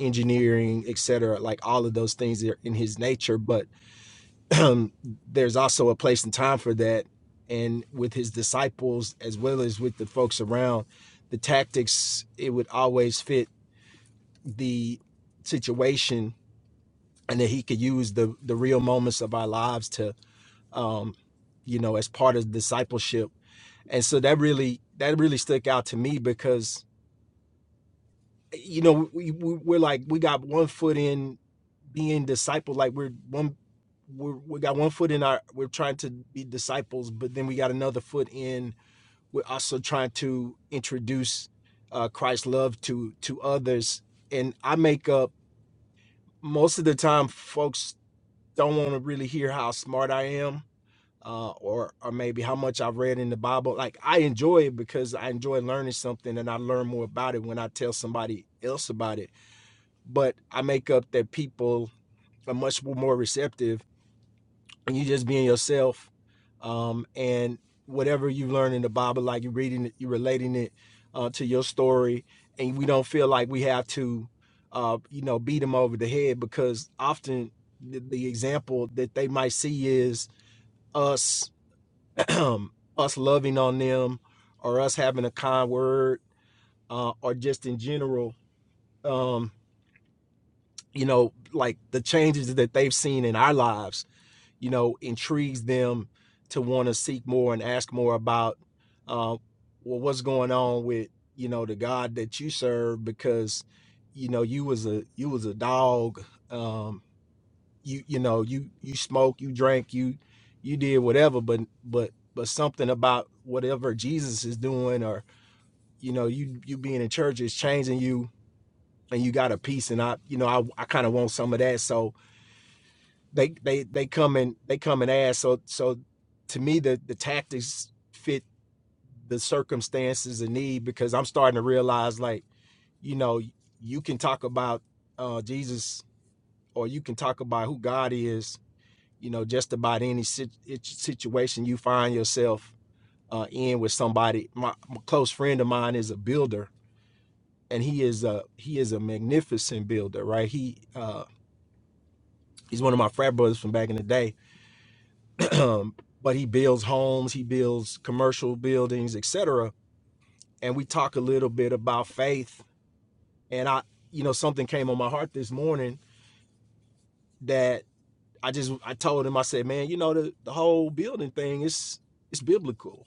engineering, etc. Like all of those things are in His nature, but um, there's also a place and time for that. And with His disciples as well as with the folks around, the tactics it would always fit the situation, and that He could use the the real moments of our lives to um, you know, as part of discipleship. And so that really that really stuck out to me because you know we, we we're like we got one foot in being disciple, like we're one we're, we got one foot in our we're trying to be disciples, but then we got another foot in we're also trying to introduce uh, Christ's love to to others. And I make up most of the time, folks don't want to really hear how smart I am uh, or or maybe how much I've read in the Bible. Like I enjoy it because I enjoy learning something, and I learn more about it when I tell somebody else about it. But I make up that people are much more receptive, and you just being yourself, um, and whatever you learn in the Bible, like you're reading it, you're relating it uh, to your story, and we don't feel like we have to, uh, you know, beat them over the head because often the, the example that they might see is us us loving on them or us having a kind word uh, or just in general um, you know like the changes that they've seen in our lives you know intrigues them to want to seek more and ask more about uh, well what's going on with you know the god that you serve because you know you was a you was a dog um, you you know you you smoke you drank you you did whatever but but but something about whatever jesus is doing or you know you you being in church is changing you and you got a piece and i you know i, I kind of want some of that so they they they come and they come and ask so so to me the the tactics fit the circumstances and need because i'm starting to realize like you know you can talk about uh jesus or you can talk about who god is you know just about any situation you find yourself uh, in with somebody my, my close friend of mine is a builder and he is a he is a magnificent builder right he uh, he's one of my frat brothers from back in the day but he builds homes he builds commercial buildings etc and we talk a little bit about faith and i you know something came on my heart this morning that i just i told him i said man you know the, the whole building thing is it's biblical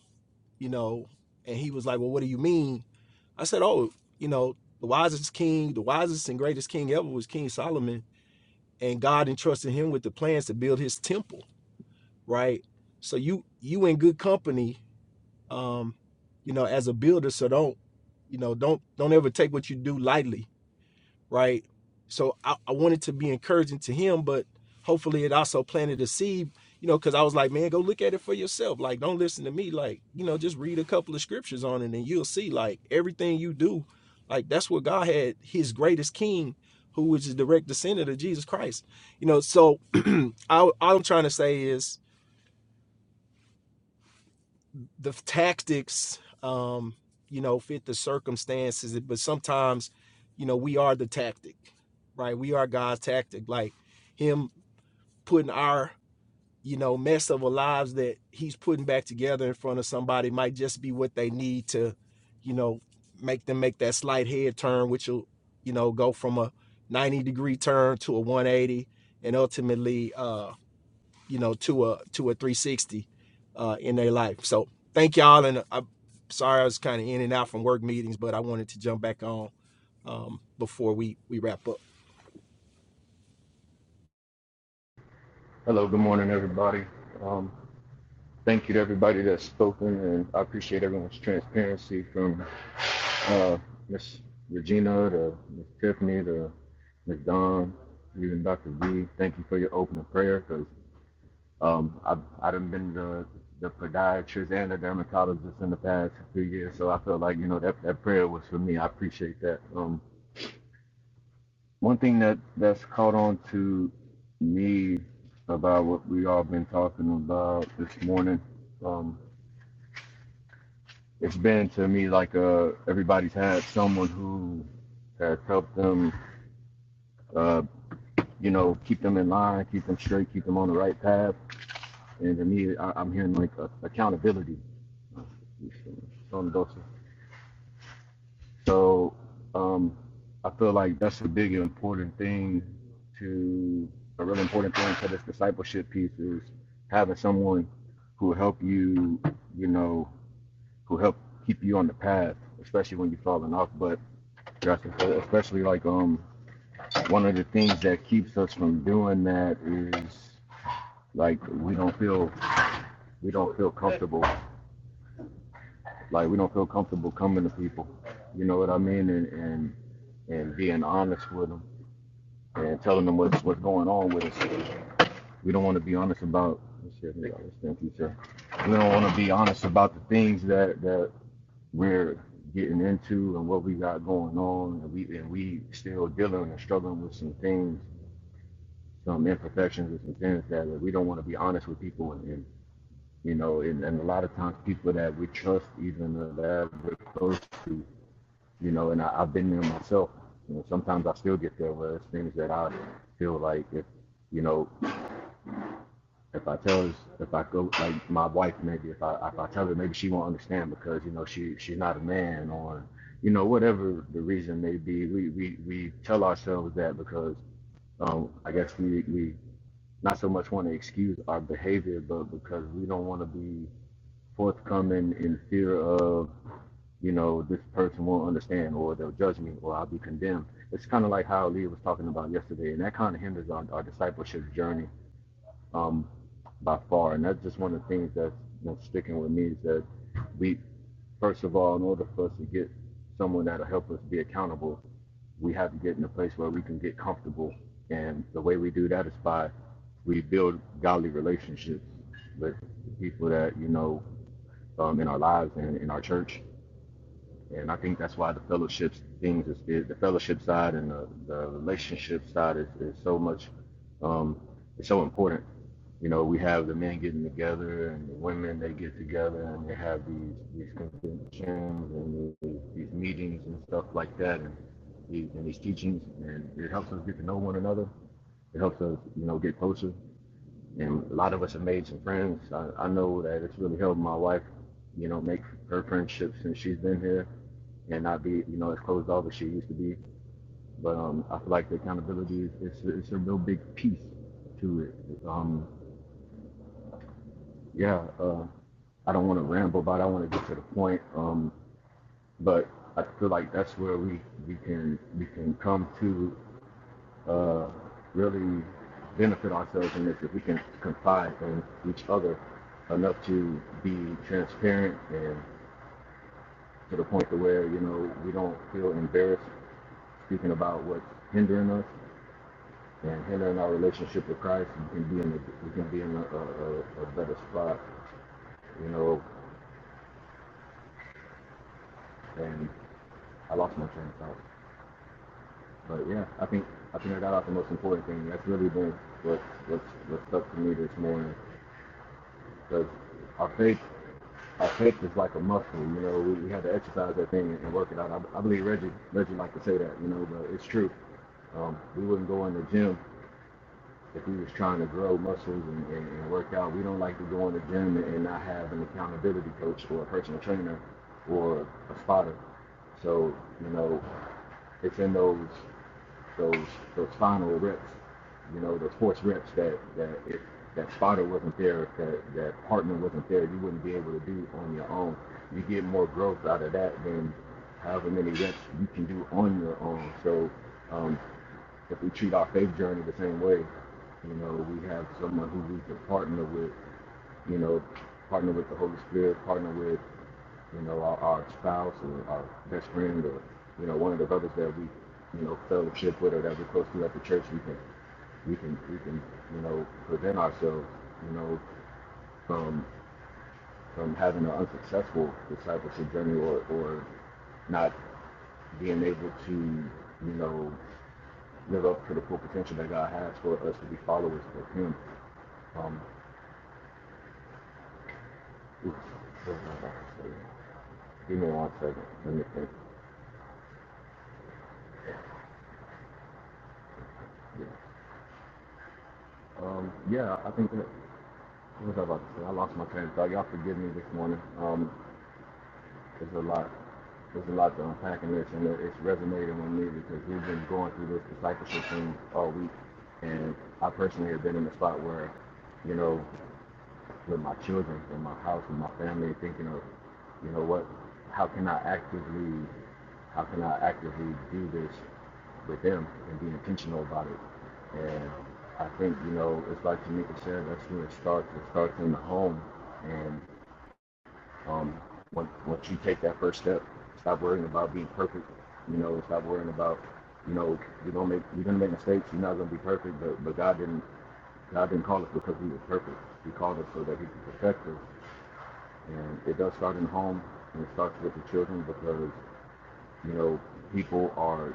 you know, and he was like, Well, what do you mean? I said, Oh, you know, the wisest king, the wisest and greatest king ever was King Solomon, and God entrusted him with the plans to build his temple, right? So you you in good company, um, you know, as a builder, so don't, you know, don't don't ever take what you do lightly right? So I, I wanted to be encouraging to him, but hopefully it also planted a seed, you know, because I was like, man, go look at it for yourself. Like, don't listen to me. Like, you know, just read a couple of scriptures on it and you'll see, like, everything you do, like, that's what God had his greatest king, who was a direct descendant of Jesus Christ, you know. So I, all I'm trying to say is, the tactics um you know fit the circumstances but sometimes you know we are the tactic right we are god's tactic like him putting our you know mess of our lives that he's putting back together in front of somebody might just be what they need to you know make them make that slight head turn which will you know go from a 90 degree turn to a 180 and ultimately uh, you know, to a to a 360 uh, in their life. So thank y'all, and I'm sorry I was kind of in and out from work meetings, but I wanted to jump back on um, before we we wrap up.
Hello, good morning, everybody. Um, thank you to everybody that's spoken, and I appreciate everyone's transparency from uh, Miss Regina to Miss Tiffany to Miss Dawn, even Dr. V. Thank you for your opening prayer because um, I've I done been the the podiatrist and the dermatologist in the past few years, so I feel like you know that that prayer was for me. I appreciate that. Um, one thing that that's caught on to me about what we all been talking about this morning um it's been to me like uh everybody's had someone who has helped them uh you know keep them in line keep them straight keep them on the right path and to me I, i'm hearing like uh, accountability Some of those So um, I feel like that's a big important thing to a really important thing to this discipleship piece is having someone who help you, you know, who help keep you on the path, especially when you're falling off. But especially like um one of the things that keeps us from doing that is like we don't feel we don't feel comfortable. Like we don't feel comfortable coming to people. You know what I mean? And and and being honest with them and telling them what's what's going on with us. We don't want to be honest about oh, shit, here y'all, We don't want to be honest about the things that that we're getting into and what we got going on, and we and we still dealing and struggling with some things, some imperfections, and some things that we don't want to be honest with people and. and you know, and, and a lot of times people that we trust, even uh, that we're close to, you know, and I, I've been there myself. You know, sometimes I still get there where it's things that I feel like if, you know, if I tell her, if I go like my wife maybe if I if I tell her maybe she won't understand because you know she she's not a man or you know whatever the reason may be we we we tell ourselves that because um I guess we we not so much want to excuse our behavior but because we don't want to be forthcoming in fear of you know this person won't understand or they'll judge me or I'll be condemned it's kind of like how Leah was talking about yesterday and that kind of hinders our, our discipleship journey um, by far. And that's just one of the things that's you know, sticking with me is that we, first of all, in order for us to get someone that'll help us be accountable, we have to get in a place where we can get comfortable. And the way we do that is by we build godly relationships with people that you know um, in our lives and in our church and I think that's why the fellowships things is, is the fellowship side and the, the relationship side is, is so much um, it's so important. You know, we have the men getting together and the women they get together and they have these these conventions and these, these meetings and stuff like that and these, and these teachings and it helps us get to know one another. It helps us, you know, get closer. And a lot of us have made some friends. I, I know that it's really helped my wife, you know, make her friendships since she's been here and not be, you know, as closed off as she used to be. But um, I feel like the accountability is it's, it's a real big piece to it. Um, yeah, uh, I don't want to ramble, but I want to get to the point. Um, but I feel like that's where we, we can we can come to uh, really benefit ourselves in this if we can confide in each other enough to be transparent and to the point to where you know we don't feel embarrassed speaking about what's hindering us and hindering our relationship with Christ, we can be in a, we can be in a, a, a, better spot, you know. And I lost my train of thought, but yeah, I think I think I got out the most important thing. That's really been what what's what's stuck to me this morning, because our faith our faith is like a muscle, you know. We, we had to exercise that thing and work it out. I, I believe Reggie Reggie liked to say that, you know, but it's true. Um, we wouldn't go in the gym if we was trying to grow muscles and, and, and work out, we don't like to go in the gym and not have an accountability coach or a personal trainer or a spotter. So, you know, it's in those those those final reps, you know, those force reps that that if that spotter wasn't there, if that that partner wasn't there, you wouldn't be able to do on your own. You get more growth out of that than however many reps you can do on your own. So um, if we treat our faith journey the same way, you know, we have someone who we can partner with, you know, partner with the Holy Spirit, partner with, you know, our, our spouse or our best friend or, you know, one of the brothers that we, you know, fellowship with or that we're close to at the church, we can, we can, we can, you know, prevent ourselves, you know, from, from having an unsuccessful discipleship journey or, or not being able to, you know, live up to the full potential that God has for us to be followers of Him. Um, oops, what was I about to say? Give me one second. Let me think. Yeah. Um, yeah, I think that, what was I about to say? I lost my train of thought. Y'all forgive me this morning. Um, there's a lot, there's a lot to unpack in this, and it's resonating with me because we've been going through this discipleship thing all week, and I personally have been in a spot where, you know, with my children and my house with my family, thinking of, you know what, how can I actively, how can I actively do this with them and be intentional about it. And I think, you know, it's like Tamika said, that's where it starts. It starts in the home. And um, when, once you take that first step, stop worrying about being perfect. You know, stop worrying about, you know, you're gonna make you're gonna make mistakes. You're not gonna be perfect, but but God didn't God didn't call us because we were perfect. He called us so that He could perfect us and it does start in home and it starts with the children because, you know, people are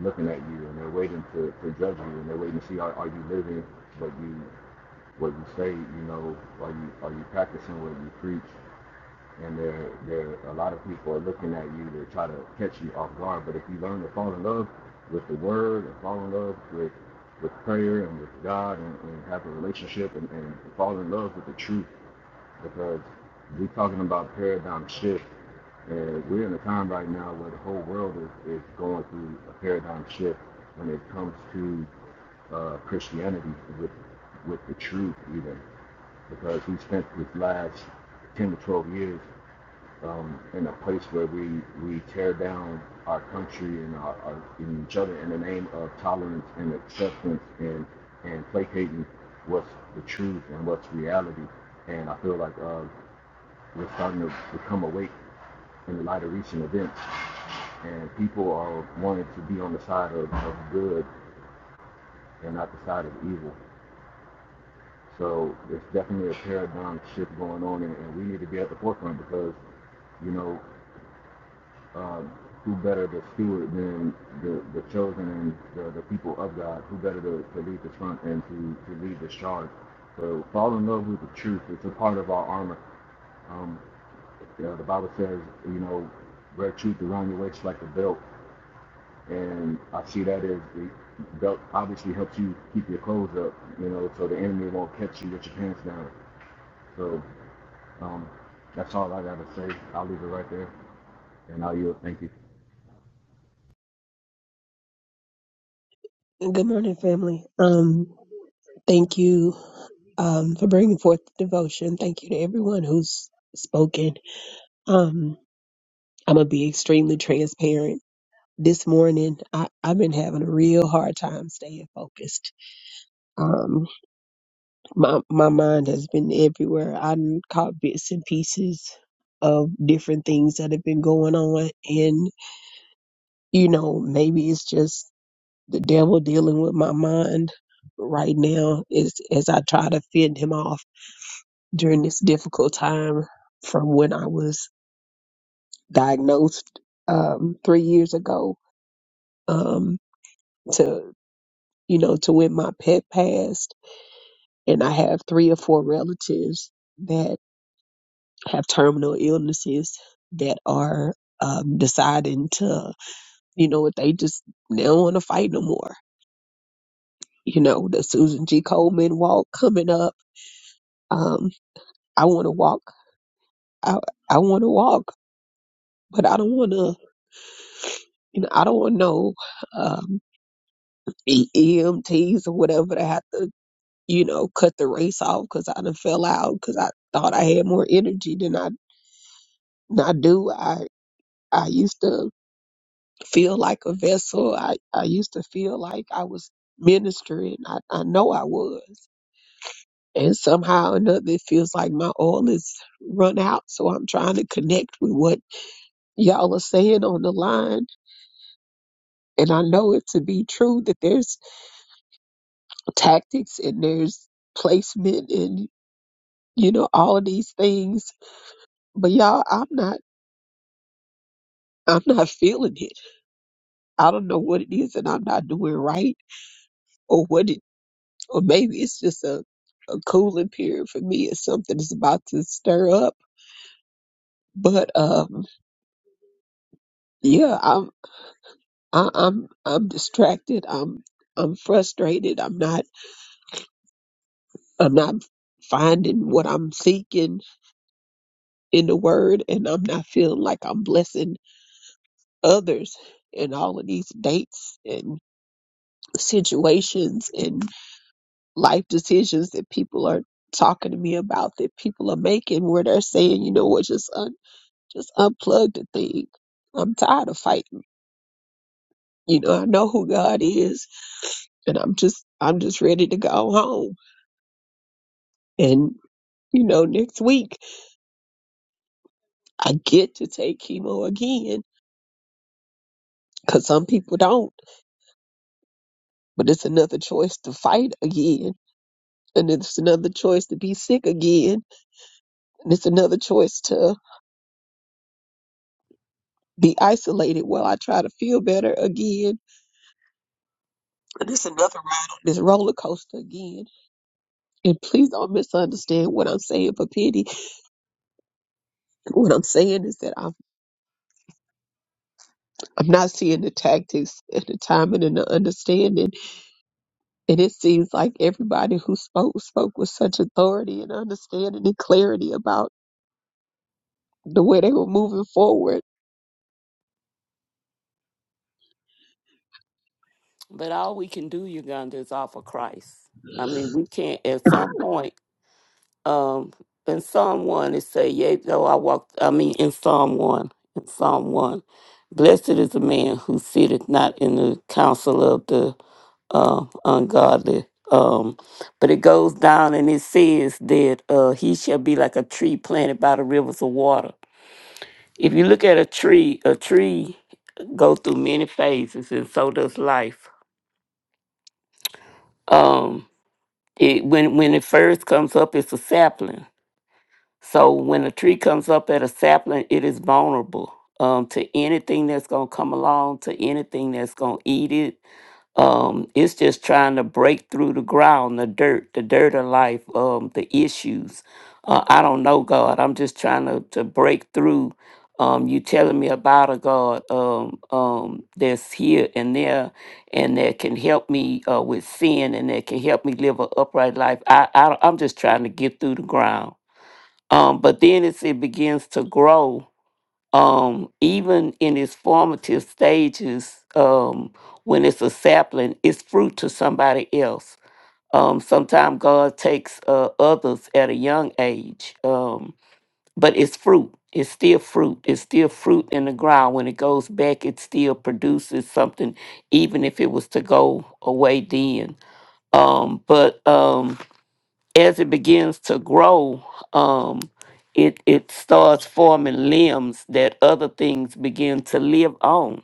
looking at you and they're waiting to, to judge you and they're waiting to see are, are you living what you what you say, you know, are you are you practicing what you preach? And there there a lot of people are looking at you, they try to catch you off guard. But if you learn to fall in love with the word and fall in love with with prayer and with God and, and have a relationship and, and fall in love with the truth because we're talking about paradigm shift and we're in a time right now where the whole world is, is going through a paradigm shift when it comes to uh, Christianity with with the truth, even because we spent this last ten to twelve years um, in a place where we we tear down our country and our, our and each other in the name of tolerance and acceptance and and placating what's the truth and what's reality. And I feel like uh, we're starting to become awake in the light of recent events and people are wanting to be on the side of, of good and not the side of evil. So there's definitely a paradigm shift going on, and, and we need to be at the forefront because, you know, um, who better to steward than the, the chosen and the, the people of God? Who better to, to lead the front and to, to lead the charge? So fall in love with the truth. It's a part of our armor. Um, you know, the Bible says, you know, wear truth around your waist like a belt. and I see that as the belt obviously helps you keep your clothes up, you know, so the enemy won't catch you with your pants down. So um, that's all I gotta say. I'll leave it right there, and I'll yield. Thank you.
Good morning, family. Um, thank you um, for bringing forth the devotion. Thank you to everyone who's spoken. Um, I'm gonna be extremely transparent. This morning, I, I've been having a real hard time staying focused. Um, my my mind has been everywhere. I done caught bits and pieces of different things that have been going on, and you know, maybe it's just the devil dealing with my mind right now is as I try to fend him off during this difficult time from when I was diagnosed um, three years ago um, to you know to when my pet passed, and I have three or four relatives that have terminal illnesses that are um, deciding to you know what they just they don't want to fight no more. You know the Susan G. Coleman walk coming up. Um, I want to walk I I want to walk, but I don't want to. You know, I don't want no um, E- EMTs or whatever to have to, you know, cut the race off because I done fell out because I thought I had more energy than I than I do. I I used to feel like a vessel. I I used to feel like I was ministering. I I know I was. And somehow or another, it feels like my oil is run out. So I'm trying to connect with what y'all are saying on the line And I know it to be true that there's tactics and there's placement and, you know, all of these things. But y'all, I'm not, I'm not feeling it. I don't know what it is that I'm not doing right or what it, or maybe it's just a, a cooling period for me or something is about to stir up. But, um, yeah, I'm, I, I'm, I'm distracted. I'm, I'm frustrated. I'm not, I'm not finding what I'm seeking in the word and I'm not feeling like I'm blessing others in all of these dates and situations and life decisions that people are talking to me about that people are making where they're saying, you know what, just un- just unplug the thing. I'm tired of fighting. You know, I know who God is and I'm just I'm just ready to go home. And you know, next week I get to take chemo again cuz some people don't, but it's another choice to fight again And it's another choice to be sick again. And it's another choice to be isolated while I try to feel better again. And it's another ride on this roller coaster again. And please don't misunderstand what I'm saying for pity. What I'm saying is that I'm, I'm not seeing the tactics and the timing and the understanding. And it seems like everybody who spoke spoke with such authority and understanding and clarity about the way they were moving forward.
But all we can do, Uganda, is offer Christ. I mean, we can't, at some point, Um, in Psalm 1, it say, Yea, though I walk, I mean, in Psalm 1, in Psalm 1, blessed is the man who sitteth not in the counsel of the uh, ungodly. Um, but it goes down and it says that uh, he shall be like a tree planted by the rivers of water. If you look at a tree, a tree go through many phases, and so does life. Um, it when when it first comes up, it's a sapling So when a tree comes up at a sapling, it is vulnerable um, to anything that's going to come along, to anything that's going to eat it. Um, it's just trying to break through the ground, the dirt, the dirt of life, um, the issues. Uh, I don't know God. I'm just trying to, to break through. Um, you telling me about a God um, um, that's here and there, and that can help me uh, with sin, and that can help me live an upright life. I, I I'm just trying to get through the ground. Um, but then as it begins to grow, um, even in its formative stages, um, when it's a sapling, it's fruit to somebody else. Um, Sometimes God takes uh, others at a young age, um, but it's fruit. It's still fruit. It's still fruit in the ground. When it goes back, it still produces something, even if it was to go away then. Um, but um, as it begins to grow, um, it it starts forming limbs that other things begin to live on.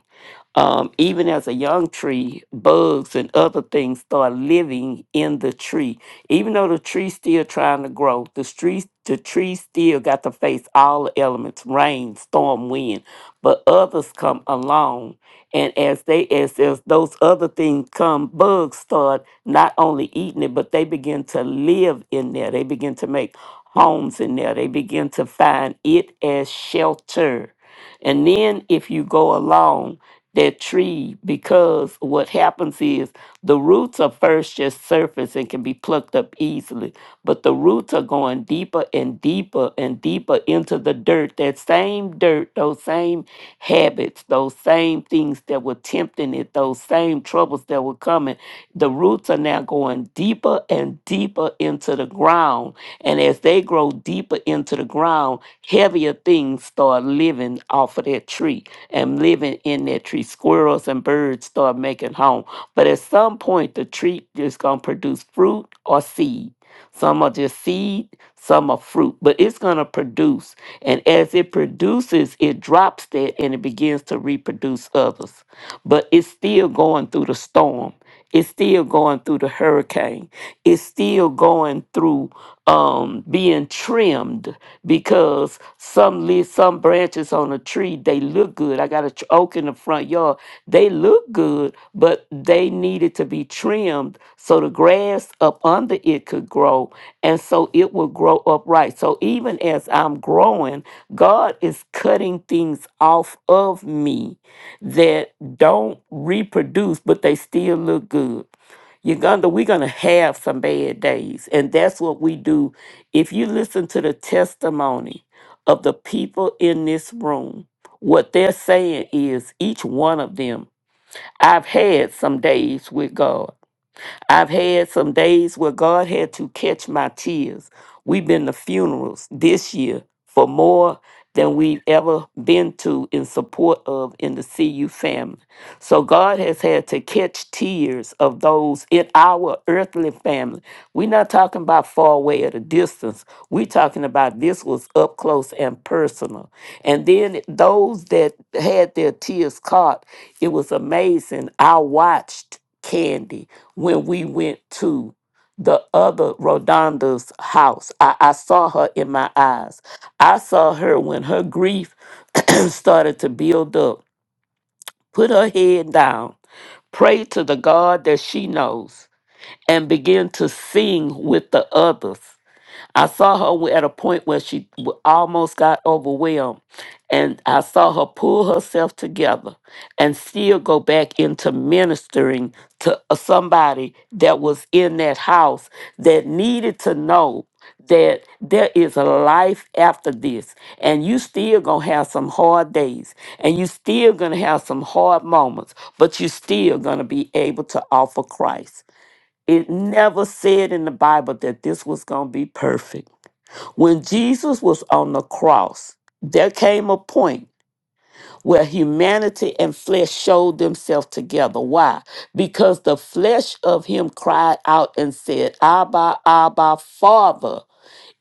Um, even as a young tree, bugs and other things start living in the tree. Even though the tree's still trying to grow, the tree, the tree still got to face all the elements, rain, storm, wind. But others come along, and as they as, as those other things come, bugs start not only eating it, but they begin to live in there. They begin to make homes in there. They begin to find it as shelter. And then if you go along that tree, because what happens is the roots are first just surface and can be plucked up easily, but the roots are going deeper and deeper and deeper into the dirt. That same dirt, those same habits, those same things that were tempting it, those same extreme troubles that were coming, the roots are now going deeper and deeper into the ground. And as they grow deeper into the ground, heavier things start living off of that tree and living in that tree. Squirrels and birds start making home. But at some point, the tree is going to produce fruit or seed some are just seed, some are fruit, but it's going to produce. And as it produces, it drops that and it begins to reproduce others. But it's still going through the storm. It's still going through the hurricane. It's still going through um, being trimmed because some leaves, some branches on a tree, they look good. I got a tr- oak in the front yard. They look good, but they needed to be trimmed so the grass up under it could grow and so it will grow upright. So even as I'm growing, God is cutting things off of me that don't reproduce, but they still look good. Uganda, we're going to have some bad days. And that's what we do. If you listen to the testimony of the people in this room, what they're saying is each one of them, I've had some days with God. I've had some days where God had to catch my tears. We've been to funerals this year for more than we've ever been to in support of in the CU family. So God has had to catch tears of those in our earthly family. We're not talking about far away at a distance. We're talking about this was up close and personal. And then those that had their tears caught, it was amazing. I watched Candy when we went to the other Rodonda's house. I, I saw her in my eyes. I saw her when her grief started to build up, put her head down, pray to the God that she knows, and begin to sing with the others. I saw her w- at a point where she w- almost got overwhelmed. And I saw her pull herself together and still go back into ministering to a- somebody that was in that house that needed to know that there is a life after this and you still gonna have some hard days and you still gonna have some hard moments but you still gonna be able to offer christ it never said in the bible that this was gonna be perfect when Jesus was on the cross, there came a point where humanity and flesh showed themselves together. Why? Because the flesh of him cried out and said, Abba, Abba, Father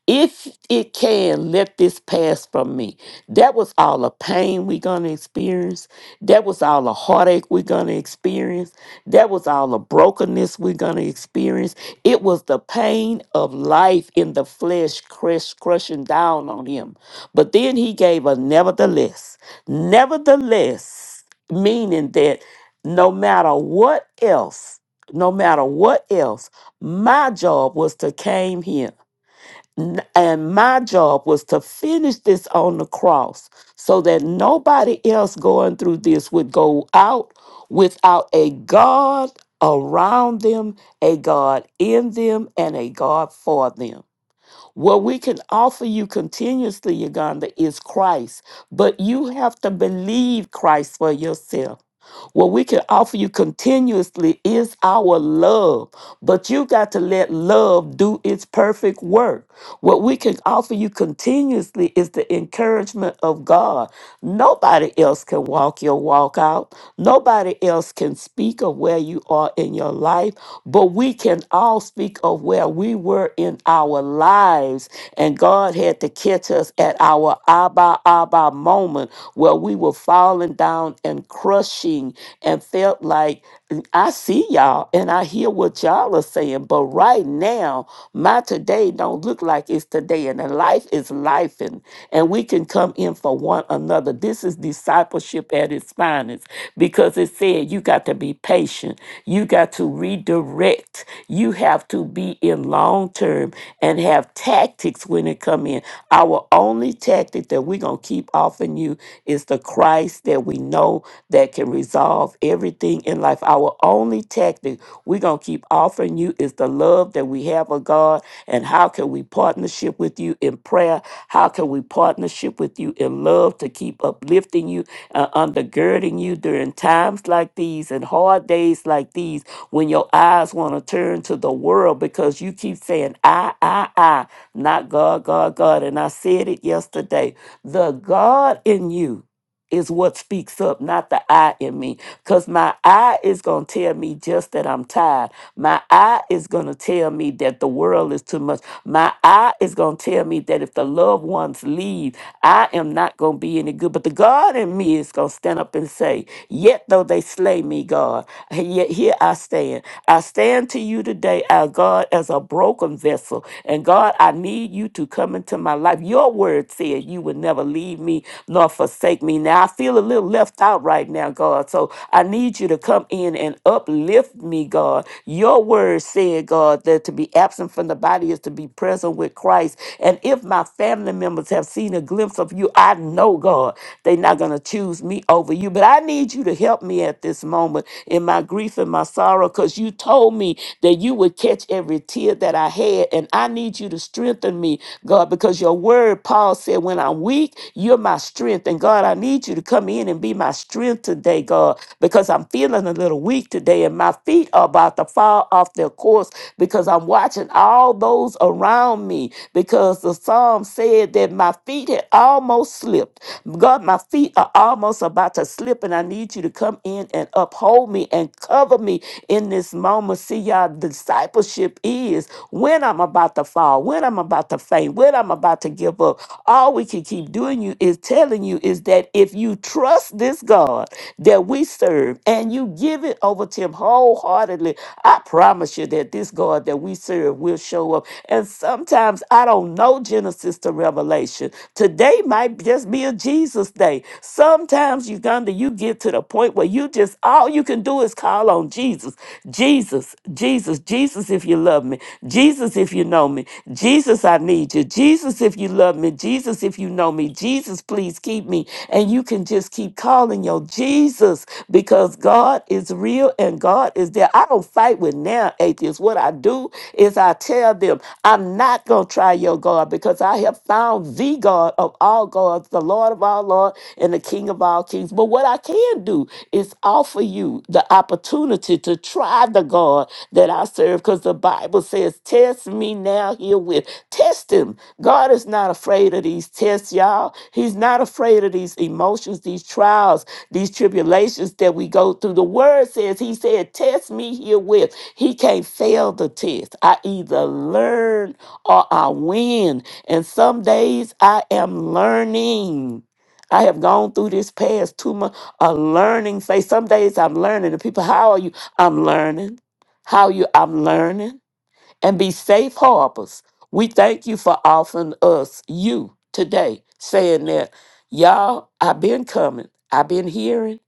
if it can let this pass from me that was all the pain we're gonna experience that was all the heartache we're gonna experience that was all the brokenness we're gonna experience it was the pain of life in the flesh crush, crushing down on him but then he gave a nevertheless nevertheless meaning that no matter what else no matter what else my job was to came here N- And my job was to finish this on the cross so that nobody else going through this would go out without a God around them, a God in them, and a God for them. What we can offer you continuously, Uganda, is Christ, but you have to believe Christ for yourself. What we can offer you continuously is our love, but you got to let love do its perfect work. What we can offer you continuously is the encouragement of God. Nobody else can walk your walk out, nobody else can speak of where you are in your life, but we can all speak of where we were in our lives. And God had to catch us at our Abba Abba moment where we were falling down and crushing and felt like. I see y'all and I hear what y'all are saying, but right now, my today don't look like it's today, and the life is life, and, and we can come in for one another. This is discipleship at its finest because it said you got to be patient, you got to redirect. You have to be in long term and have tactics when it come in. Our only tactic that we're gonna keep offering you is the Christ that we know that can resolve everything in life. Our only tactic we're gonna keep offering you is the love that we have of God and how can we partnership with you in prayer? How can we partnership with you in love to keep uplifting you? uh, undergirding you during times like these and hard days like these when your eyes want to turn to the world because you keep saying, I, I, I, not God, God, God. And I said it yesterday. The God in you is what speaks up, not the I in me. Because my I is going to tell me just that I'm tired. My I is going to tell me that the world is too much. My I is going to tell me that if the loved ones leave, I am not going to be any good. But the God in me is going to stand up and say, Yet though they slay me, God, hey, yet here I stand. I stand to you today, our God, as a broken vessel. And God, I need you to come into my life. Your word said you would never leave me nor forsake me. Now I feel a little left out right now, God. So I need you to come in and uplift me, God. Your word said, God, that to be absent from the body is to be present with Christ. And if my family members have seen a glimpse of you, I know, God, they're not going to choose me over you. But I need you to help me at this moment in my grief and my sorrow because you told me that you would catch every tear that I had. And I need you to strengthen me, God because your word, Paul said, when I'm weak, you're my strength. And God, I need you to come in and be my strength today, God, because I'm feeling a little weak today and my feet are about to fall off their course because I'm watching all those around me because the psalm said that my feet had almost slipped. God, my feet are almost about to slip, and I need you to come in and uphold me and cover me in this moment. See, y'all, discipleship is is when I'm about to fall, when I'm about to faint, when I'm about to give up. All we can keep doing you is telling you is that if you trust this God that we serve and you give it over to him wholeheartedly, I promise you that this God that we serve will show up. And sometimes I don't know Genesis to Revelation. Today might just be a Jesus day. Sometimes, Uganda, you get to the point where you just all you can do is call on Jesus. Jesus, Jesus, Jesus, Jesus, if you love me, Jesus, if you know me, Jesus, I need you, Jesus, if you love me, Jesus, if you know me, Jesus, please keep me. And you can just keep calling your Jesus because God is real and God is there. I don't fight with now atheists. What I do is I tell them, I'm not going to try your God because I have found the God of all gods, the Lord of all lords, and the King of all kings. But what I can do do is offer you the opportunity to try the God that I serve because the Bible says, Test me now herewith. Test him. God is not afraid of these tests, y'all. He's not afraid of these emotions, these trials, these tribulations that we go through. The word says, He said, Test me herewith. He can't fail the test. I either learn or I win. And some days I am learning. I have gone through this past two months a learning phase. Some days I'm learning. The people, how are you? I'm learning. How are you? I'm learning. And be safe harbors. We thank you for offering us you today, saying that, y'all, I've been coming, I've been hearing,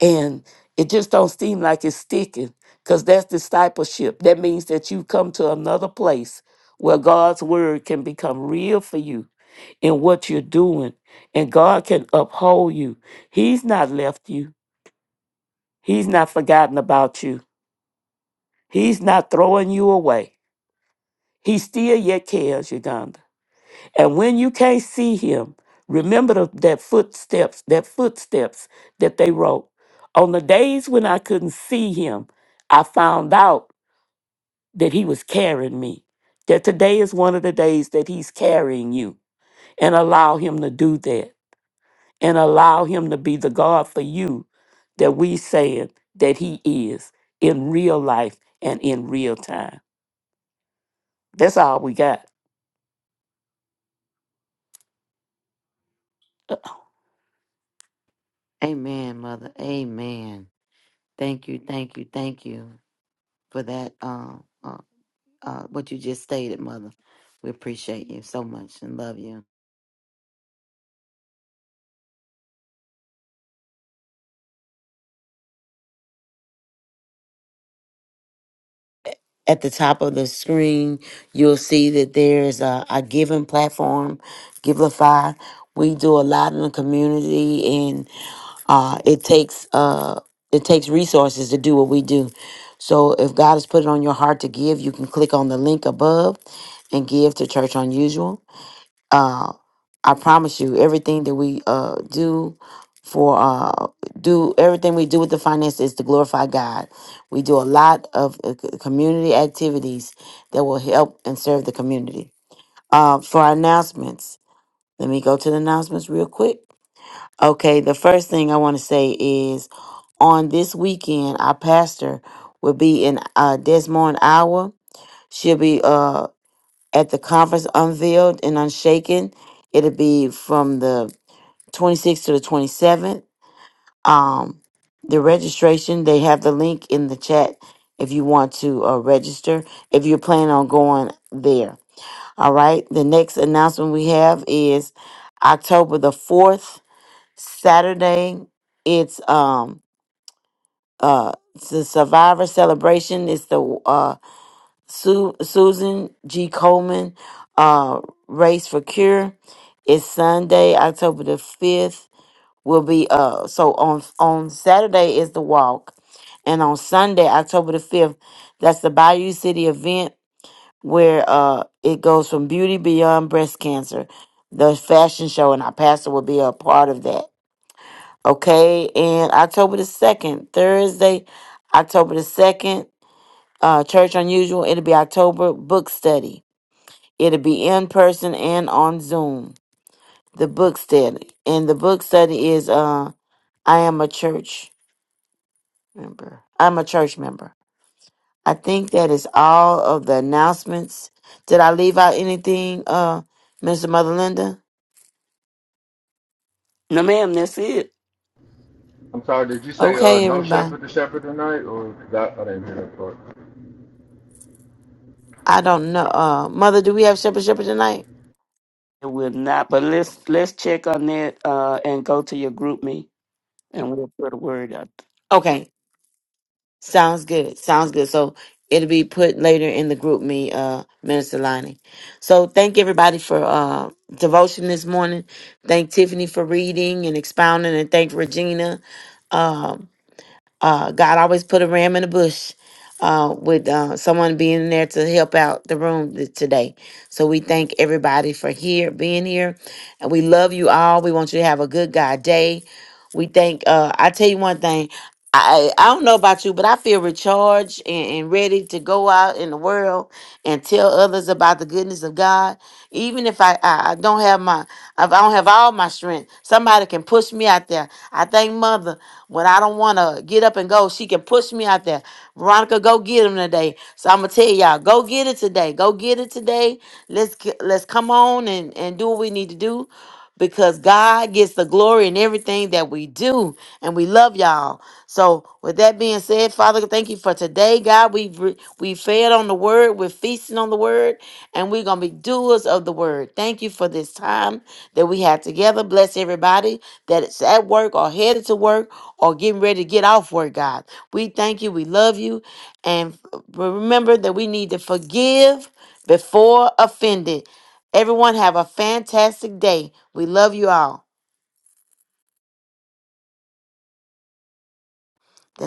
and it just don't seem like it's sticking. Because that's discipleship. That means that you come to another place where God's word can become real for you in what you're doing. And God can uphold you. He's not left you. He's not forgotten about you. He's not throwing you away. He still yet cares, Uganda. And when you can't see him, remember the, that footsteps, that footsteps that they wrote. On the days when I couldn't see him, I found out that he was carrying me. That today is one of the days that he's carrying you and allow him to do that. and allow him to be the God for you that we saying that he is in real life and in real time. That's all we got.
Amen, mother. Amen. Thank you, thank you, thank you for that. Um, uh, what you just stated, Mother. We appreciate you so much and love you. At the top of the screen, you'll see that there's a, a giving platform, Givelify. We do a lot in the community, and uh, it takes uh, it takes resources to do what we do. So, if God has put it on your heart to give, you can click on the link above and give to Church Unusual. uh, I promise you, everything that we uh, do for uh, do everything we do with the finances is to glorify God. We do a lot of uh, c- community activities that will help and serve the community. Uh, for our announcements, let me go to the announcements real quick. Okay, the first thing I want to say is on this weekend, our pastor will be in uh, Des Moines, Iowa. She'll be. uh, at the conference unveiled and unshaken it'll be from the 26th to the 27th um the registration they have the link in the chat if you want to uh, register if you're planning on going there all right the next announcement we have is october the 4th saturday it's um uh it's the survivor celebration it's the uh Su- Susan G. Coleman uh, Race for Cure is Sunday, October the 5th. Will be uh so on on Saturday is the walk, and on Sunday, October the 5th, that's the Bayou City event where uh it goes from beauty beyond breast cancer, the fashion show, and our pastor will be a part of that. Okay, and October the 2nd, Thursday, October the 2nd, uh Church Unusual, it'll be October book study. It'll be in person and on Zoom. The book study. And the book study is uh I am a church member. I'm a church member. I think that is all of the announcements. Did I leave out anything, uh, Mr. Mother Linda?
No ma'am, that's it.
I'm sorry, did you say uh,
Okay,
no
everybody.
shepherd to shepherd tonight? Or that, I didn't hear that part.
I don't know. Uh Mother, do we have Shepherd Shepherd tonight?
It will not, but let's let's check on that uh and go to your group me and we'll put a word out.
Okay. Sounds good. Sounds good. So it'll be put later in the group me, uh, Minister Lonnie. So thank everybody for uh devotion this morning. Thank Tiffany for reading and expounding and thank Regina. Um uh, God always put a ram in the bush uh, with uh, someone being there to help out the room th- today. So we thank everybody for here being here, and we love you all. We want you to have a good God day. We thank. Uh, I tell you one thing. I, I don't know about you, but I feel recharged and, and ready to go out in the world and tell others about the goodness of God. Even if I, I, I don't have my, if I don't have all my strength, somebody can push me out there. I thank Mother when I don't want to get up and go, she can push me out there. Veronica, go get him today. So I'm gonna tell y'all, go get it today. Go get it today. Let's get, let's come on and and do what we need to do. Because God gets the glory in everything that we do, and we love y'all. So, with that being said, Father, thank you for today, God. We we fed on the word. We're feasting on the word and we're going to be doers of the word. Thank you for this time that we had together. Bless everybody that's at work or headed to work or getting ready to get off work, God. We thank you. We love you. And f- remember that we need to forgive before offended. Everyone have a fantastic day. We love you all. That's